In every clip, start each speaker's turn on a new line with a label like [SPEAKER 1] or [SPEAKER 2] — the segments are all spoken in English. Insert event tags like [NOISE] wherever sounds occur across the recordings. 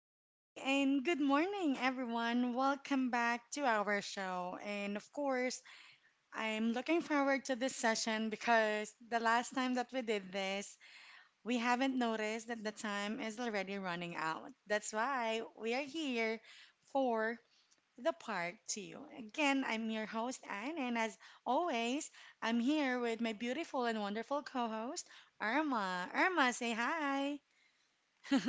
[SPEAKER 1] Hi, and good morning, everyone. Welcome back to our show. And of course, I'm looking forward to this session because the last time that we did this, we haven't noticed that the time is already running out. That's why we are here for the part two. Again, I'm your host, Anne, and as always, I'm here with my beautiful and wonderful co host, Irma. Irma, say hi. [LAUGHS] All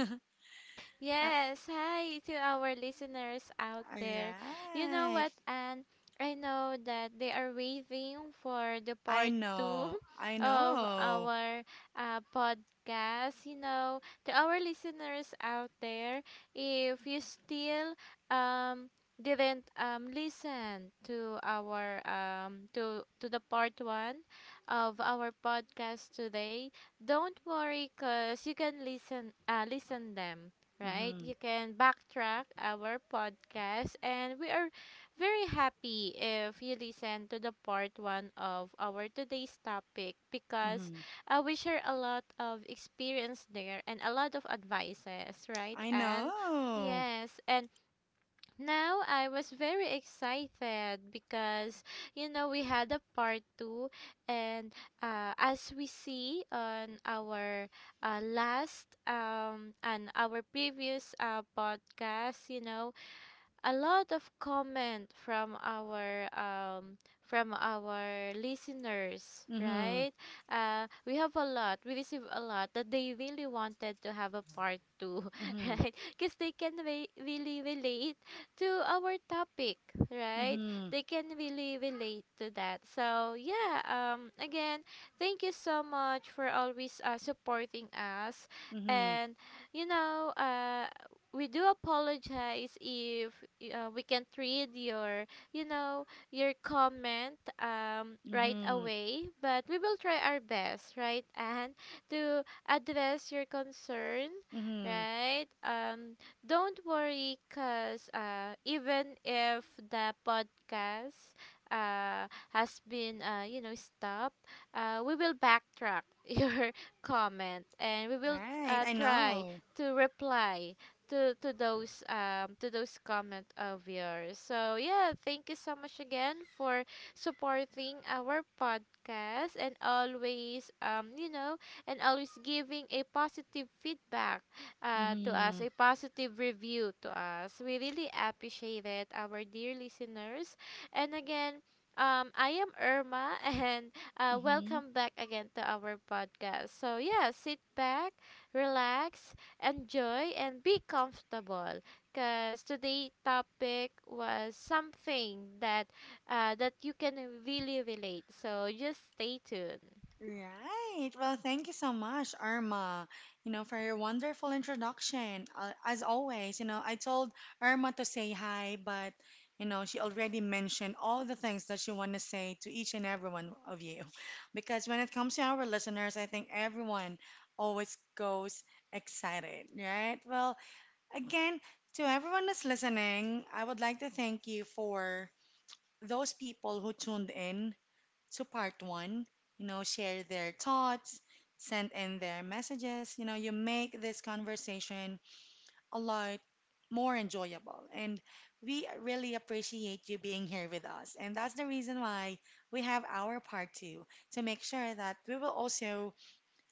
[SPEAKER 2] Yes, hi to our listeners out there. You know
[SPEAKER 1] right.
[SPEAKER 2] what, and I know that they are waiting for the
[SPEAKER 1] I
[SPEAKER 2] part two
[SPEAKER 1] know, I
[SPEAKER 2] [LAUGHS] of
[SPEAKER 1] know.
[SPEAKER 2] our podcast. You know, to our listeners out there, if you still um didn't listen to our to the part one of our podcast today. Don't worry, cause you can listen them, right?
[SPEAKER 1] Mhm,
[SPEAKER 2] You can backtrack our podcast, and we are very happy if you listen to the part one of our today's topic because
[SPEAKER 1] mhm.
[SPEAKER 2] we share a lot of experience there and a lot of advices, right?
[SPEAKER 1] I
[SPEAKER 2] And
[SPEAKER 1] know.
[SPEAKER 2] yes, and now I was very excited because you know we had a part two, and as we see on our last and our previous podcast, you know a lot of comment from our listeners,
[SPEAKER 1] Mhm,
[SPEAKER 2] right? We have a lot, we receive a lot that they really wanted to have a part two [LAUGHS]
[SPEAKER 1] mhm,
[SPEAKER 2] right? Because they can really relate to our topic, right?
[SPEAKER 1] mhm,
[SPEAKER 2] They can really relate to that. So yeah, again, thank you so much for always supporting us.
[SPEAKER 1] mhm,
[SPEAKER 2] And you know, we do apologize if we can't read your you know your comment right
[SPEAKER 1] mhm,
[SPEAKER 2] away, but we will try our best, right? And to address your concern,
[SPEAKER 1] mhm.
[SPEAKER 2] right? Don't worry, cuz even if the podcast has been, you know, stopped, we will backtrack [LAUGHS] your comment, and we will
[SPEAKER 1] Right, I
[SPEAKER 2] try
[SPEAKER 1] know.
[SPEAKER 2] to reply to those, to those comment of yours. So yeah, thank you so much again for supporting our podcast, and always, you know, and always giving a positive feedback to us,
[SPEAKER 1] Mhm,
[SPEAKER 2] a positive review to us. We really appreciate it, our dear listeners. And again, I am Irma [LAUGHS] and
[SPEAKER 1] mhm.
[SPEAKER 2] welcome back again to our podcast. So yeah, sit back, relax, enjoy and be comfortable, because today topic was something that that you can really relate, so just stay tuned.
[SPEAKER 1] Right. Well, thank you so much, Irma, you know, for your wonderful introduction. As always, you know, I told Irma to say hi, but, you know, she already mentioned all the things that she want to say to each and every one of you. [LAUGHS] Because when it comes to our listeners, I think everyone always goes excited, right? Well, again, to everyone that's listening, I would like to thank you for those people who tuned in to part one, you know, share their thoughts, send in their messages. You know, you make this conversation a lot more enjoyable. And we really appreciate you being here with us. And that's the reason why we have our part two to make sure that we will also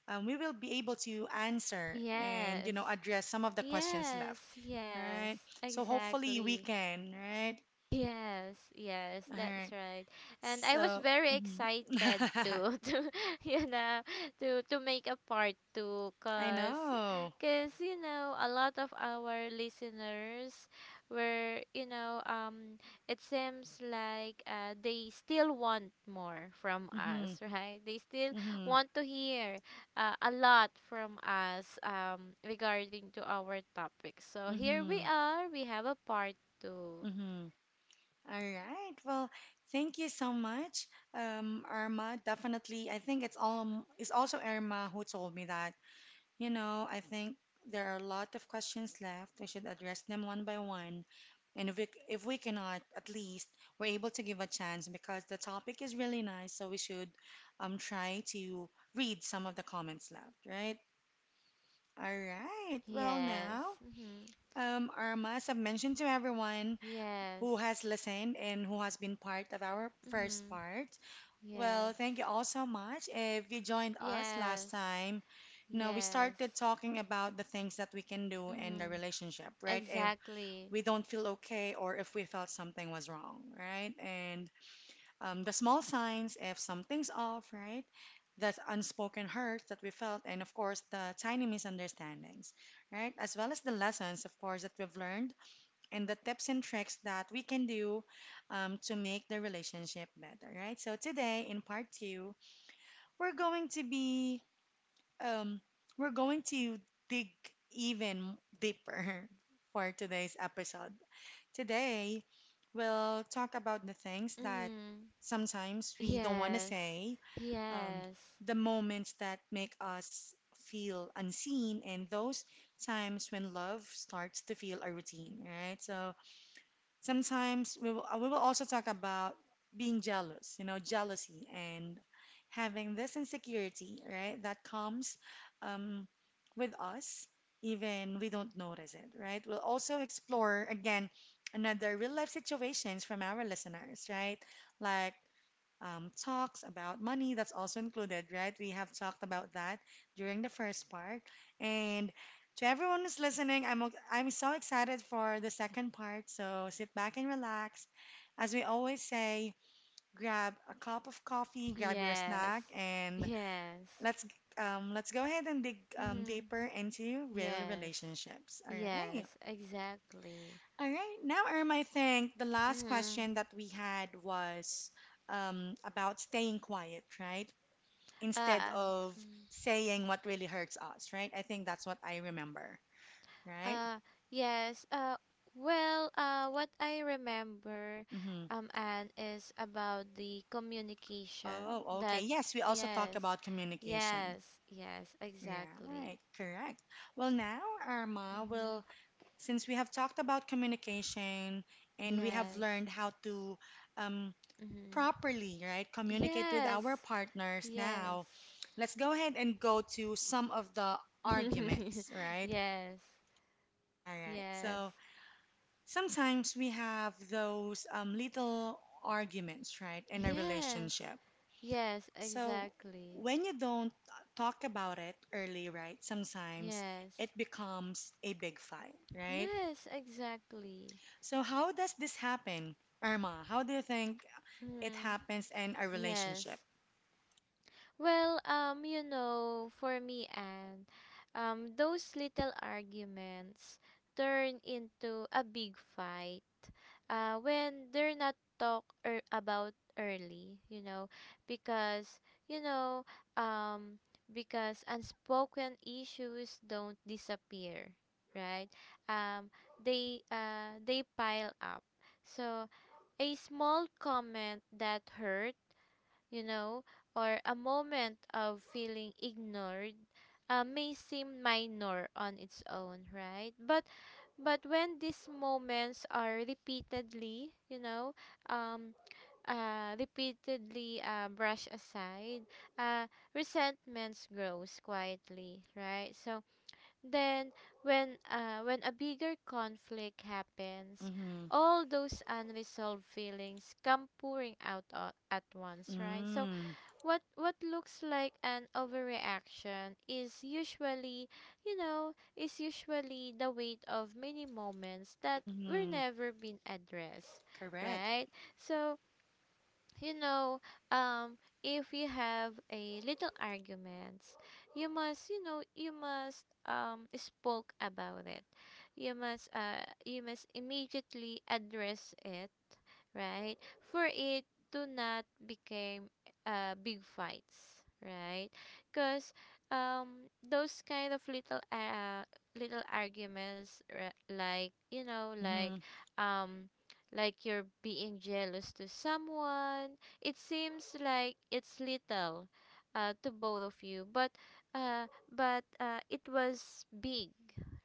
[SPEAKER 1] we will be able to answer and
[SPEAKER 2] Yes,
[SPEAKER 1] you know address some of the questions
[SPEAKER 2] yes,
[SPEAKER 1] left,
[SPEAKER 2] yes,
[SPEAKER 1] right? So hopefully we
[SPEAKER 2] exactly.
[SPEAKER 1] can, right?
[SPEAKER 2] Yes, yes,
[SPEAKER 1] All
[SPEAKER 2] that's
[SPEAKER 1] right.
[SPEAKER 2] right. And I was
[SPEAKER 1] So
[SPEAKER 2] very
[SPEAKER 1] mhm.
[SPEAKER 2] excited to [LAUGHS] to you know to make a part two,
[SPEAKER 1] [LAUGHS] I
[SPEAKER 2] cause
[SPEAKER 1] know.
[SPEAKER 2] you know a lot of our listeners were, you know, it seems like, they still want more from
[SPEAKER 1] Mm-hmm.
[SPEAKER 2] us, right? They still
[SPEAKER 1] Mm-hmm.
[SPEAKER 2] want to hear a lot from us, regarding to our topic. So here we
[SPEAKER 1] Mm-hmm.
[SPEAKER 2] are. We have a part two.
[SPEAKER 1] Mm-hmm. All right. Well, thank you so much, Irma. Definitely, I think it's all it's also Irma who told me that. You know, I think there are a lot of questions left. We should address them one by one, and if we cannot, at least we're able to give a chance because the topic is really nice. So we should try to read some of the comments left, right? All right. Well,
[SPEAKER 2] Yes.
[SPEAKER 1] now,
[SPEAKER 2] Mhm.
[SPEAKER 1] Irma, as I've mentioned to everyone
[SPEAKER 2] Yes.
[SPEAKER 1] who has listened and who has been part of our first
[SPEAKER 2] Mhm.
[SPEAKER 1] part. Well,
[SPEAKER 2] Yes.
[SPEAKER 1] thank you all so much. If you joined us last
[SPEAKER 2] Yes.
[SPEAKER 1] time, you know, we
[SPEAKER 2] Yes.
[SPEAKER 1] started talking about the things that we can do in the
[SPEAKER 2] Mhm.
[SPEAKER 1] relationship, right? If
[SPEAKER 2] Exactly.
[SPEAKER 1] we don't feel okay or if we felt something was wrong, right? And the small signs if something's off, right? The unspoken hurts that we felt, and of course, the tiny misunderstandings, right? As well as the lessons, of course, that we've learned and the tips and tricks that we can do to make the relationship better, right? So today in part two, we're going to be um, we're going to dig even deeper [LAUGHS] for today's episode. Today we'll talk about the things that
[SPEAKER 2] Mhm.
[SPEAKER 1] sometimes we don't want to
[SPEAKER 2] Yes.
[SPEAKER 1] say, um,
[SPEAKER 2] Yes.
[SPEAKER 1] the moments that make us feel unseen, and those times when love starts to feel a routine, right? So sometimes we will also talk about being jealous, you know, jealousy and having this insecurity, right? That comes um, with us, even we don't notice it, right? We'll also explore again another real life situations from our listeners, right? Like talks about money. That's also included, right? We have talked about that during the first part. And to everyone who's listening, I'm so excited for the second part. So sit back and relax. As we always say, grab a cup of coffee, grab your
[SPEAKER 2] Yes.
[SPEAKER 1] snack, and
[SPEAKER 2] Yes.
[SPEAKER 1] let's let's go ahead and dig
[SPEAKER 2] Mhm.
[SPEAKER 1] deeper into real
[SPEAKER 2] Yes.
[SPEAKER 1] relationships. All right.
[SPEAKER 2] Yes. Exactly.
[SPEAKER 1] All right. Now, Irma, I think the last
[SPEAKER 2] Mhm.
[SPEAKER 1] question that we had was about staying quiet, right? Instead
[SPEAKER 2] Ah.
[SPEAKER 1] of
[SPEAKER 2] Mm.
[SPEAKER 1] saying what really hurts us, right? I think that's what I remember, right?
[SPEAKER 2] Uh, yes. Well, what I remember,
[SPEAKER 1] Hmm.
[SPEAKER 2] Anne, is about the communication
[SPEAKER 1] Oh, okay.
[SPEAKER 2] that,
[SPEAKER 1] Yes, we also talk
[SPEAKER 2] yes,
[SPEAKER 1] about communication.
[SPEAKER 2] yes, yes, exactly.
[SPEAKER 1] Right, correct. Well, now, Arma, will
[SPEAKER 2] Mm-hmm.
[SPEAKER 1] since we have talked about communication and we have
[SPEAKER 2] Yes.
[SPEAKER 1] learned how to um,
[SPEAKER 2] Mm-hmm.
[SPEAKER 1] properly, right, communicate with
[SPEAKER 2] Yes.
[SPEAKER 1] our partners
[SPEAKER 2] Yes.
[SPEAKER 1] now, let's go ahead and go to some of the arguments,
[SPEAKER 2] [LAUGHS]
[SPEAKER 1] right?
[SPEAKER 2] Yes.
[SPEAKER 1] All right.
[SPEAKER 2] Yes.
[SPEAKER 1] So, sometimes we have those little arguments, right, in a
[SPEAKER 2] Yes.
[SPEAKER 1] relationship.
[SPEAKER 2] Yes,
[SPEAKER 1] So
[SPEAKER 2] exactly.
[SPEAKER 1] when you don't talk about it early, right, sometimes
[SPEAKER 2] Yes.
[SPEAKER 1] it becomes a big fight, right?
[SPEAKER 2] Yes, exactly.
[SPEAKER 1] So how does this happen, Irma? How do you think it
[SPEAKER 2] Mm-hmm.
[SPEAKER 1] happens in a
[SPEAKER 2] Yes.
[SPEAKER 1] relationship?
[SPEAKER 2] Well, you know, for me, and, those little arguments turn into a big fight when they're not talked about early, you know. Because, you know, um, because unspoken issues don't disappear, right? Um, they, they pile up. So, a small comment that hurt, you know, or a moment of feeling ignored may seem minor on its own, right? But when these moments are repeatedly, you know, um, repeatedly brushed aside, uh, resentments grows quietly, right? So then, when a bigger conflict happens,
[SPEAKER 1] Mm-hmm.
[SPEAKER 2] all those unresolved feelings come pouring out at once, right? So
[SPEAKER 1] Mm.
[SPEAKER 2] what looks like an overreaction is usually, is usually, the weight of many moments that were
[SPEAKER 1] Mm-hmm.
[SPEAKER 2] never been addressed,
[SPEAKER 1] Correct.
[SPEAKER 2] right? So you know, if you have a little arguments, you must, you know, you must spoke about it. You must immediately address it, right? For it to not become big fights, right? Because those kind of little arguments, like you know, like,
[SPEAKER 1] Mm-hmm.
[SPEAKER 2] um like you're being jealous to someone. It seems like it's little to both of you, but uh, it was big,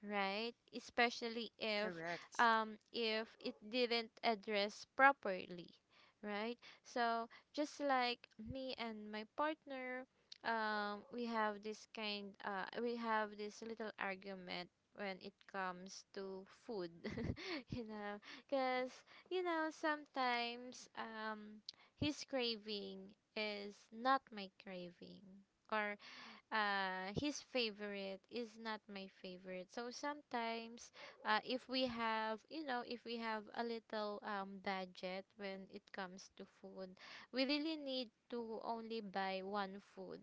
[SPEAKER 2] right? Especially if,
[SPEAKER 1] Correct.
[SPEAKER 2] if it didn't address properly, right? So just like me and my partner, we have this kind we have this little argument when it comes to food [LAUGHS] you know. Because you know, sometimes his craving is not my craving, or his favorite is not my favorite. So sometimes, if we have, you know, if we have a little budget when it comes to food, we really need to only buy one food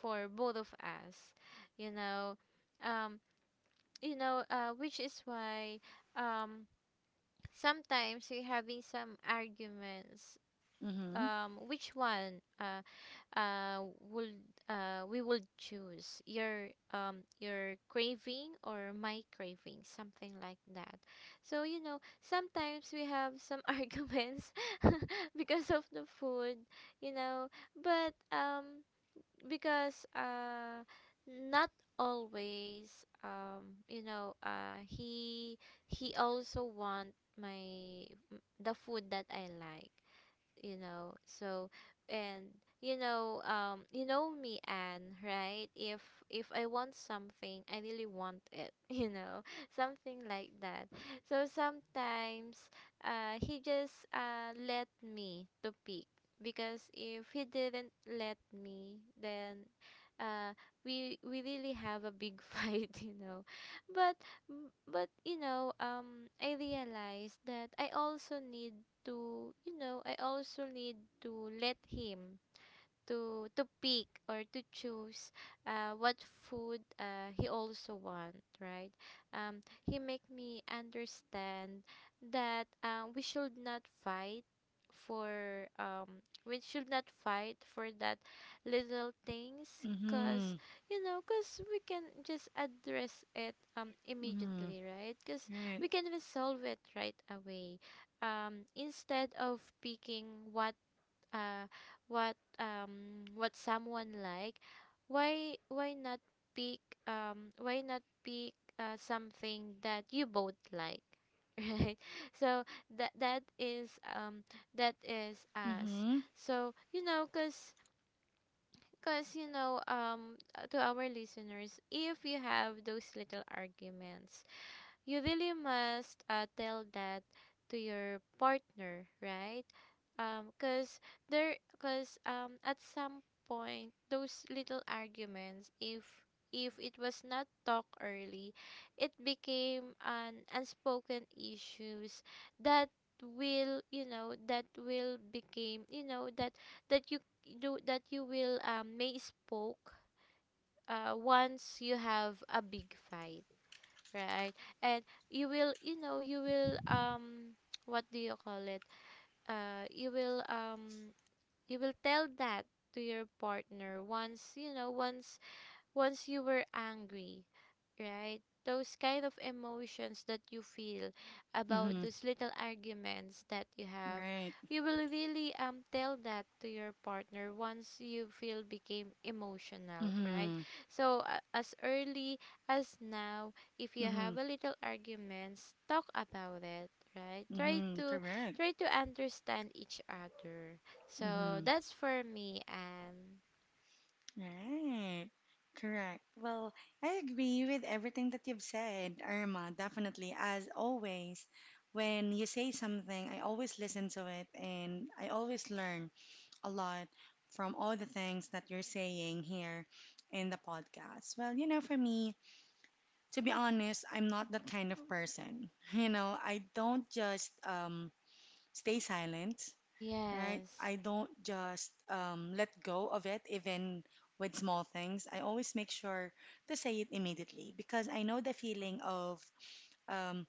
[SPEAKER 2] for both of us, you know, um, which is why um sometimes we're having some arguments,
[SPEAKER 1] Mm-hmm.
[SPEAKER 2] which one uh would we would choose your craving or my craving, something like that. So you know, sometimes we have some [LAUGHS] arguments [LAUGHS] because of the food, you know. But because not always, you know, he also want the food that I like, you know. So, and you know, you know me, Anne, right? If I want something, I really want it [LAUGHS] you know, something like that. So sometimes he just let me to pick, because if he didn't let me, then uh we really have a big [LAUGHS] fight, you know. But but you know, I realized that I also need to, you know, I also need to let him to pick or to choose what food he also want, right? um, he make me understand that we should not fight for, that little things, because
[SPEAKER 1] Mm-hmm.
[SPEAKER 2] you know, because we can just address it
[SPEAKER 1] Mm-hmm.
[SPEAKER 2] immediately, right? Because we
[SPEAKER 1] Right.
[SPEAKER 2] can resolve it right away, instead of picking what, uh what someone like, why not pick, something that you both like [LAUGHS] right? So that is, um that is us.
[SPEAKER 1] Mm-hmm.
[SPEAKER 2] So you know, cuz cuz you know, to our listeners, if you have those little arguments, you really must tell that to your partner, right? Cause there, cause, at some point, those little arguments, if it was not talked early, it became an unspoken issues that will, you know, that will became, you know, that you do, that you will may spoke once you have a big fight. Right. And you will, you know, you will [TSK] what do you call it? You will, you will tell that to your partner once, you know, once you were angry, right? Those kind of emotions that you feel about
[SPEAKER 1] Mm-hmm.
[SPEAKER 2] those little arguments that you have,
[SPEAKER 1] Right.
[SPEAKER 2] you will really tell that to your partner once you feel became emotional, right?
[SPEAKER 1] Mm-hmm.
[SPEAKER 2] So as early as now, if you
[SPEAKER 1] Mm-hmm.
[SPEAKER 2] have a little arguments, talk about it, right? Try
[SPEAKER 1] Mm-hmm.
[SPEAKER 2] to
[SPEAKER 1] Correct.
[SPEAKER 2] understand each other. So
[SPEAKER 1] Mm-hmm.
[SPEAKER 2] that's for me, and
[SPEAKER 1] Right. Correct. Well, I agree with everything that you've said, Irma, definitely. As always, when you say something, I always listen to it and I always learn a lot from all the things that you're saying here in the podcast. Well, you know, for me, to be honest, I'm not that kind of person. [LAUGHS] You know, I don't just stay silent, right?
[SPEAKER 2] yes.
[SPEAKER 1] I don't just let go of it, even with small things. I always make sure to say it immediately because I know the feeling of um,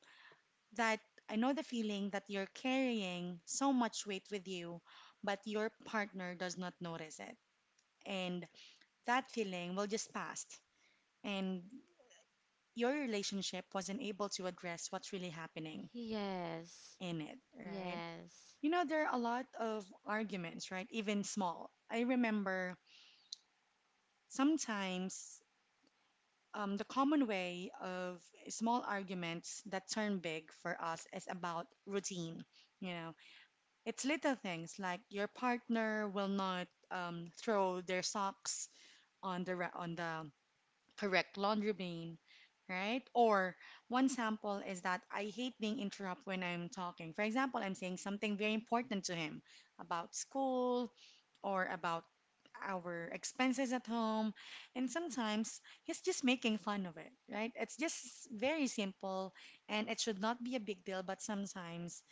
[SPEAKER 1] that. I know the feeling that you're carrying so much weight with you, but your partner does not notice it. And that feeling will just pass. And your relationship wasn't able to address what's really happening
[SPEAKER 2] Yes.
[SPEAKER 1] in it, right?
[SPEAKER 2] Yes.
[SPEAKER 1] You know, there are a lot of arguments, right? Even small. I remember sometimes the common way of small arguments that turn big for us is about routine. You know, it's little things like your partner will not throw their socks on the correct laundry bin, right? Or one sample is that I hate being interrupted when I'm talking. For example, I'm saying something very important to him about school, or about our expenses at home. And sometimes he's just making fun of it, right? It's just very simple and it should not be a big deal, but sometimes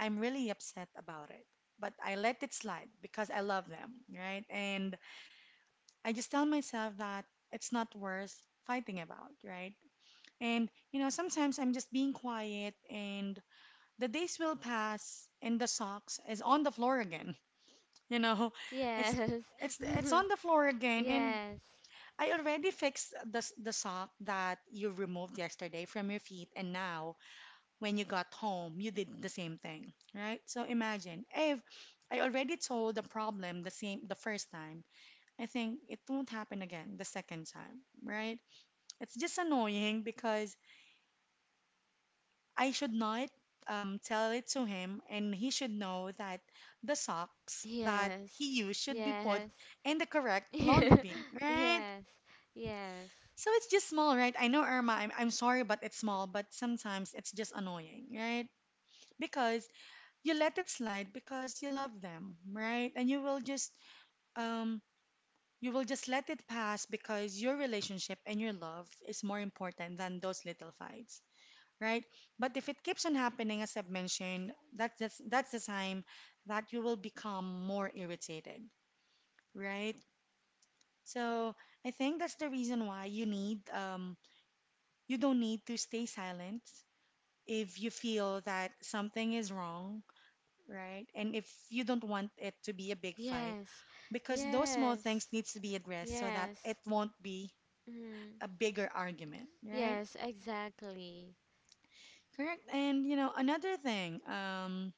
[SPEAKER 1] I'm really upset about it. But I let it slide because I love them, right? And I just tell myself that it's not worth fighting about, right? And, you know, sometimes I'm just being quiet and the days will pass and the socks is on the floor again. You know, it's
[SPEAKER 2] Yes.
[SPEAKER 1] it's it's
[SPEAKER 2] [LAUGHS]
[SPEAKER 1] on the floor again, and
[SPEAKER 2] Yes.
[SPEAKER 1] I already fixed the sock that you removed yesterday from your feet, and now when you got home, you did the same thing, right? So imagine if I already told the problem the same the first time, I think it won't happen again the second time, right? It's just annoying because I should not tell it to him, and he should know that the socks that
[SPEAKER 2] Yes.
[SPEAKER 1] he used should be put
[SPEAKER 2] Yes.
[SPEAKER 1] in the correct laundry
[SPEAKER 2] [LAUGHS]
[SPEAKER 1] bin, right?
[SPEAKER 2] Yes. Yes.
[SPEAKER 1] So it's just small, right? I know, Irma, I'm sorry, but it's small, but sometimes it's just annoying, right? Because you let it slide because you love them, right? And um you will just let it pass because your relationship and your love is more important than those little fights, right? But if it keeps on happening, as I've mentioned, that's the time that you will become more irritated, right? So I think that's the reason why you need you don't need to stay silent if you feel that something is wrong, right? And if you don't want it to be a big fight,
[SPEAKER 2] Yes.
[SPEAKER 1] because
[SPEAKER 2] Yes.
[SPEAKER 1] those small things needs to be addressed so that
[SPEAKER 2] Yes.
[SPEAKER 1] it
[SPEAKER 2] Yes.
[SPEAKER 1] won't be
[SPEAKER 2] Mm.
[SPEAKER 1] a bigger argument, right?
[SPEAKER 2] Yes, exactly.
[SPEAKER 1] Correct. And you know another thing,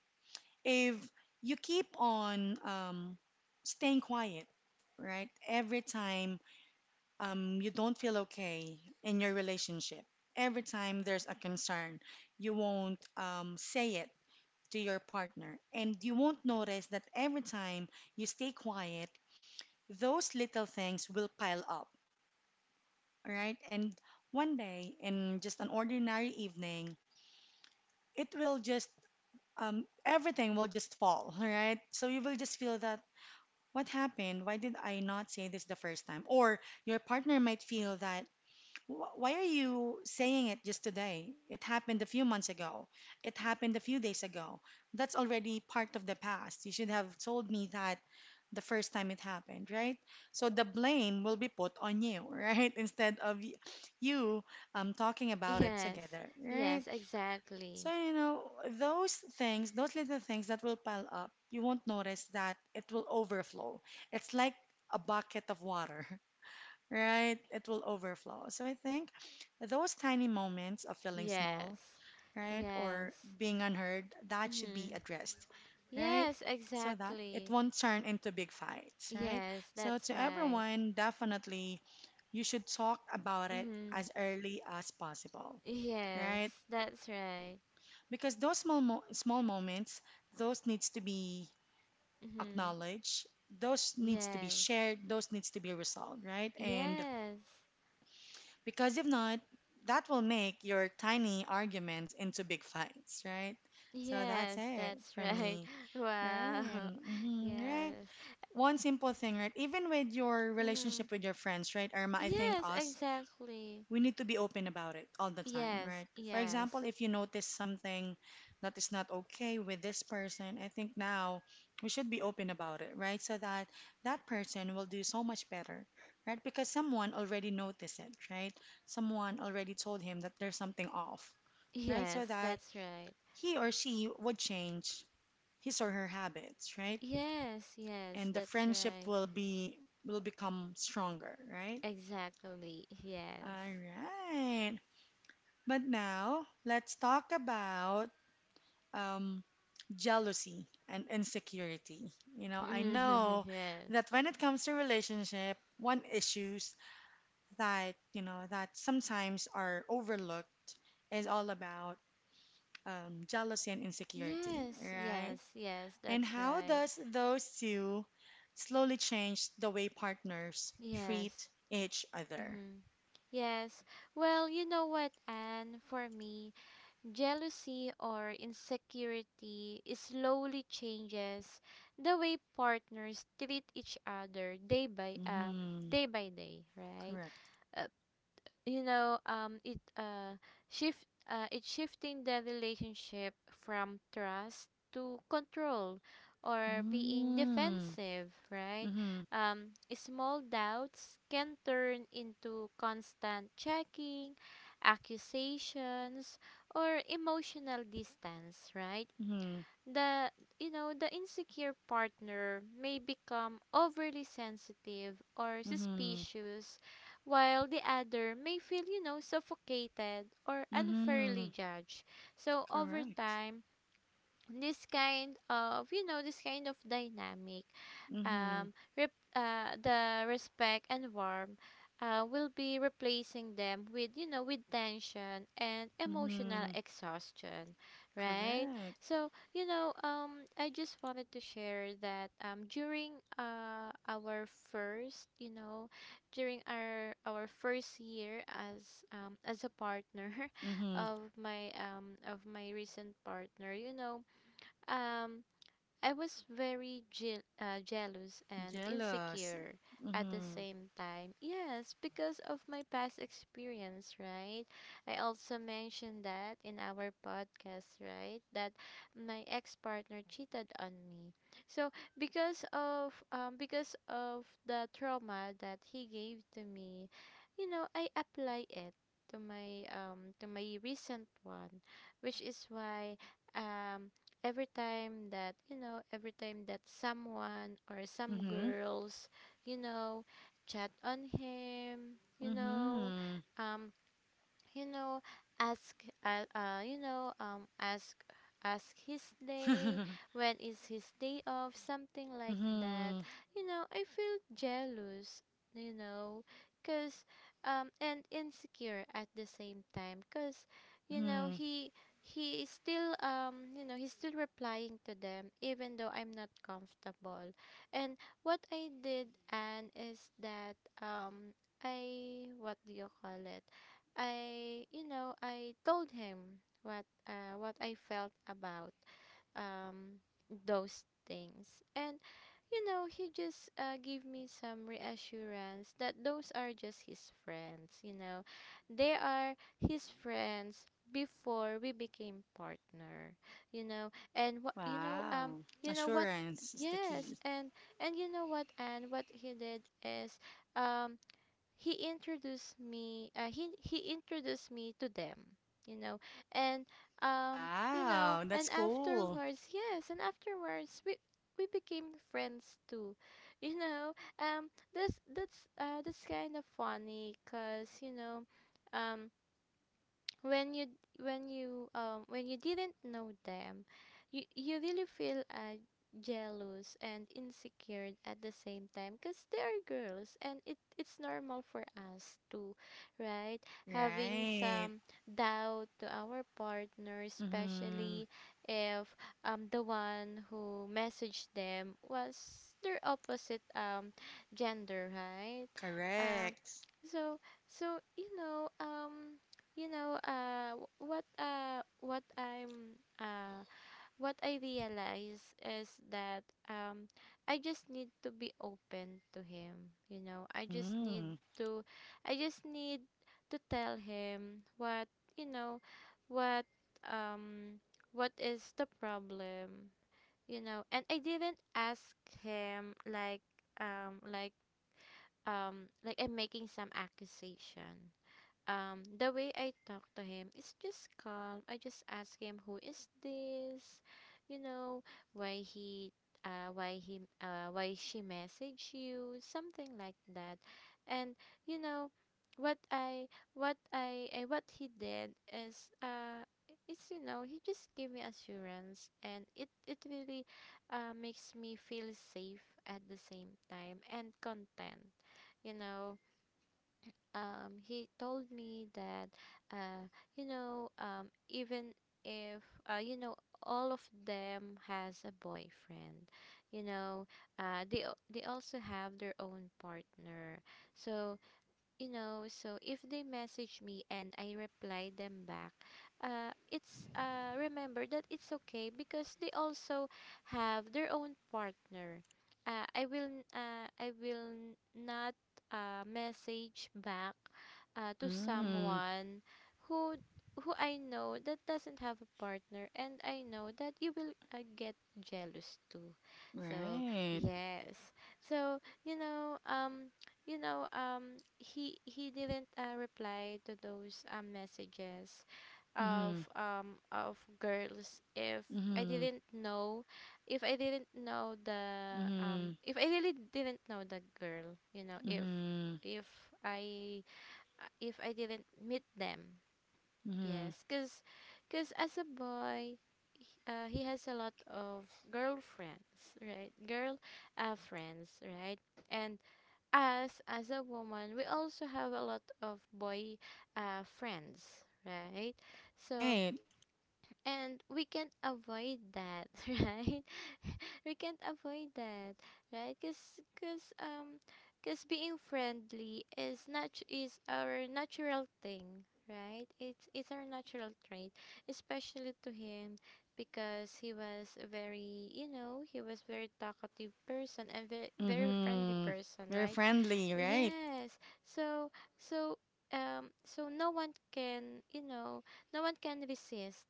[SPEAKER 1] if you keep on staying quiet, right? Every time you don't feel okay in your relationship, every time there's a concern, you won't say it to your partner. And you won't notice that every time you stay quiet, those little things will pile up, right? And one day, in just an ordinary evening, it will just everything will just fall, [LAUGHS] right? So you will just feel that what happened? Why did I not say this the first time? Or your partner might feel that, "Wh- why are you saying it just today? It happened a few months ago. It happened a few days ago. That's already part of the past. You should have told me that the first time it happened, right? So the blame will be put on you, [LAUGHS] right? Instead of you talking about it
[SPEAKER 2] Yes.
[SPEAKER 1] together,
[SPEAKER 2] Yes,
[SPEAKER 1] right? So,
[SPEAKER 2] exactly.
[SPEAKER 1] you know, those things, those little things that will pile up, you won't notice that it will overflow. It's like a bucket of water, [LAUGHS] right? It will overflow. So I think those tiny moments of feeling small,
[SPEAKER 2] Yes.
[SPEAKER 1] right, or
[SPEAKER 2] Yes.
[SPEAKER 1] being unheard, that should be
[SPEAKER 2] Mm.
[SPEAKER 1] addressed, right?
[SPEAKER 2] Yes,
[SPEAKER 1] So that it
[SPEAKER 2] exactly.
[SPEAKER 1] won't turn into big fights, right?
[SPEAKER 2] Yes,
[SPEAKER 1] So
[SPEAKER 2] that's
[SPEAKER 1] to
[SPEAKER 2] right.
[SPEAKER 1] everyone, definitely you should talk about it
[SPEAKER 2] Mm.
[SPEAKER 1] as early as possible, right?
[SPEAKER 2] Yes, that's right.
[SPEAKER 1] Because those small moments, those needs to be
[SPEAKER 2] Mm-hmm.
[SPEAKER 1] acknowledged, those needs to be
[SPEAKER 2] Yes.
[SPEAKER 1] shared, those needs to be resolved, right? And
[SPEAKER 2] Yes.
[SPEAKER 1] because if not, that will make your tiny arguments into big fights, right? So that's
[SPEAKER 2] Yes,
[SPEAKER 1] it
[SPEAKER 2] that's
[SPEAKER 1] for
[SPEAKER 2] right.
[SPEAKER 1] me,
[SPEAKER 2] [LAUGHS] Wow.
[SPEAKER 1] right. Mhm, right.
[SPEAKER 2] Yes.
[SPEAKER 1] One simple thing, right? Even with your
[SPEAKER 2] Mm-hmm.
[SPEAKER 1] relationship with your friends, right? Irma, I think
[SPEAKER 2] Yes,
[SPEAKER 1] us,
[SPEAKER 2] exactly.
[SPEAKER 1] we need to be open about it all the time,
[SPEAKER 2] Yes,
[SPEAKER 1] right? For
[SPEAKER 2] yes.
[SPEAKER 1] example, if you notice something that is not okay with this person, I think now we should be open about it, right? So that that person will do so much better, right? Because someone already noticed it, right? Someone already told him that there's something off, right? So
[SPEAKER 2] Yes,
[SPEAKER 1] that
[SPEAKER 2] that's right.
[SPEAKER 1] he or she would change his or her habits, right?
[SPEAKER 2] Yes, yes,
[SPEAKER 1] And the
[SPEAKER 2] that's
[SPEAKER 1] friendship
[SPEAKER 2] right.
[SPEAKER 1] will become stronger, right?
[SPEAKER 2] Exactly. Yes.
[SPEAKER 1] All right. But now let's talk about um, jealousy and insecurity. You know, I
[SPEAKER 2] [LAUGHS]
[SPEAKER 1] know
[SPEAKER 2] Yes.
[SPEAKER 1] that when it comes to relationship, one issues that you know that sometimes are overlooked is all about jealousy and insecurity,
[SPEAKER 2] Yes,
[SPEAKER 1] right?
[SPEAKER 2] yes, yes,
[SPEAKER 1] And
[SPEAKER 2] that's
[SPEAKER 1] how
[SPEAKER 2] right.
[SPEAKER 1] does those two slowly change the way partners
[SPEAKER 2] Yes.
[SPEAKER 1] treat each other?
[SPEAKER 2] Mm-hmm. Yes. Well, you know what, Anne? For me, jealousy or insecurity is slowly changes the way partners treat each other day by,
[SPEAKER 1] Hmm.
[SPEAKER 2] day by day, right?
[SPEAKER 1] Correct.
[SPEAKER 2] Uh, you know, it, shift it's shifting the relationship from trust to control, or being
[SPEAKER 1] Mm-hmm.
[SPEAKER 2] defensive, right?
[SPEAKER 1] Mm-hmm.
[SPEAKER 2] um Small doubts can turn into constant checking, accusations, or emotional distance, right?
[SPEAKER 1] Mm-hmm.
[SPEAKER 2] The you know the insecure partner may become overly sensitive or
[SPEAKER 1] Mm-hmm.
[SPEAKER 2] suspicious, while the other may feel, you know, suffocated or
[SPEAKER 1] Mm-hmm.
[SPEAKER 2] unfairly judged. So over
[SPEAKER 1] Correct.
[SPEAKER 2] time, this kind of, you know, this kind of dynamic,
[SPEAKER 1] Mm-hmm.
[SPEAKER 2] the respect and warmth will be replacing them with, you know, with tension and emotional
[SPEAKER 1] Mm-hmm.
[SPEAKER 2] exhaustion, right?
[SPEAKER 1] Correct.
[SPEAKER 2] So you know, I just wanted to share that, during our first, you know, during our first year as a partner [LAUGHS]
[SPEAKER 1] Mm-hmm.
[SPEAKER 2] of my, of my recent partner, you know, um, I was very jealous and
[SPEAKER 1] Jealous.
[SPEAKER 2] insecure at the
[SPEAKER 1] Mm-hmm.
[SPEAKER 2] same time. Yes, because of my past experience, right? I also mentioned that in our podcast, right? That my ex-partner cheated on me. So, because of the trauma that he gave to me, I apply it to my recent one, which is why um every time that every time that someone or some
[SPEAKER 1] Mm-hmm.
[SPEAKER 2] girls you know chat on him
[SPEAKER 1] Mm-hmm.
[SPEAKER 2] um you know ask uh, uh you know um ask ask his day,
[SPEAKER 1] [LAUGHS]
[SPEAKER 2] when is his day off, something like that,
[SPEAKER 1] Mm-hmm.
[SPEAKER 2] I feel jealous, you know cuz and insecure at the same time cuz you know
[SPEAKER 1] Mm-hmm.
[SPEAKER 2] he is still he's still replying to them even though I'm not comfortable. And what I did and is that I what do you call it, I told him what I felt about um, those things. And he just gave me some reassurance that those are just his friends. You know, they are his friends before we became partner. You know, and what
[SPEAKER 1] Wow.
[SPEAKER 2] you know what.
[SPEAKER 1] Assurance is the
[SPEAKER 2] Yes.
[SPEAKER 1] key.
[SPEAKER 2] And you know what, and what he did is, um, he introduced me he introduced me to them, you know. And
[SPEAKER 1] Wow, that's cool.
[SPEAKER 2] afterwards, yes, and afterwards we became friends too [LAUGHS] you know. um that's kind of funny, cuz you know, um when you when you when you didn't know them, you really feel jealous and insecure at the same time because they are girls and it's normal for us to, right, having
[SPEAKER 1] Right.
[SPEAKER 2] some doubt to our partner,
[SPEAKER 1] Mm-hmm.
[SPEAKER 2] especially if the one who messaged them was their opposite gender, right? um
[SPEAKER 1] Correct.
[SPEAKER 2] so so, you know w- what I'm what I realize is that um I just need to be open to him. I just need
[SPEAKER 1] Mm.
[SPEAKER 2] to i just need to tell him you know what um what is the problem, you know. And I didn't ask him um like like I'm making some accusation. The way I talk to him is just calm. I just ask him, "Who is this?" you know, "Why she messaged you?" something like that. And you know, what I, what I what he did is, it's, you know, he just gave me assurance, and it really, makes me feel safe at the same time and content, you know. He told me that uh, even if, uh, you know all of them has a boyfriend, you know, they also have their own partner. So, you know, so if they message me and I reply them back, it's remember that it's okay because they also have their own partner. I will not message back to
[SPEAKER 1] Mm.
[SPEAKER 2] someone who who I know, that doesn't have a partner and I know that you will get jealous too. So
[SPEAKER 1] Right.
[SPEAKER 2] yes. So, you know um he didn't reply to those messages
[SPEAKER 1] Mm-hmm.
[SPEAKER 2] of girls if I
[SPEAKER 1] Mm-hmm.
[SPEAKER 2] didn't know, if I didn't know the,
[SPEAKER 1] Mm-hmm.
[SPEAKER 2] if I really didn't know the girl, you know, if
[SPEAKER 1] Mm-hmm.
[SPEAKER 2] if I if I didn't meet them.
[SPEAKER 1] Mm-hmm.
[SPEAKER 2] Yes, cuz cuz as a boy, he has a lot of girlfriends, right? Girl, friends, right? And as a woman we also have a lot of boy, friends, right? So,
[SPEAKER 1] Right.
[SPEAKER 2] and we can't avoid that [LAUGHS] right? We can't avoid that, right? Because, being friendly is nat is our natural thing, right? It's our natural trait, especially to him, because he was a very, you know, he was very talkative person and very, very friendly
[SPEAKER 1] Mm-hmm.
[SPEAKER 2] person,
[SPEAKER 1] Very
[SPEAKER 2] right?
[SPEAKER 1] friendly, right?
[SPEAKER 2] Yes. So, so no one can, you know, no one can resist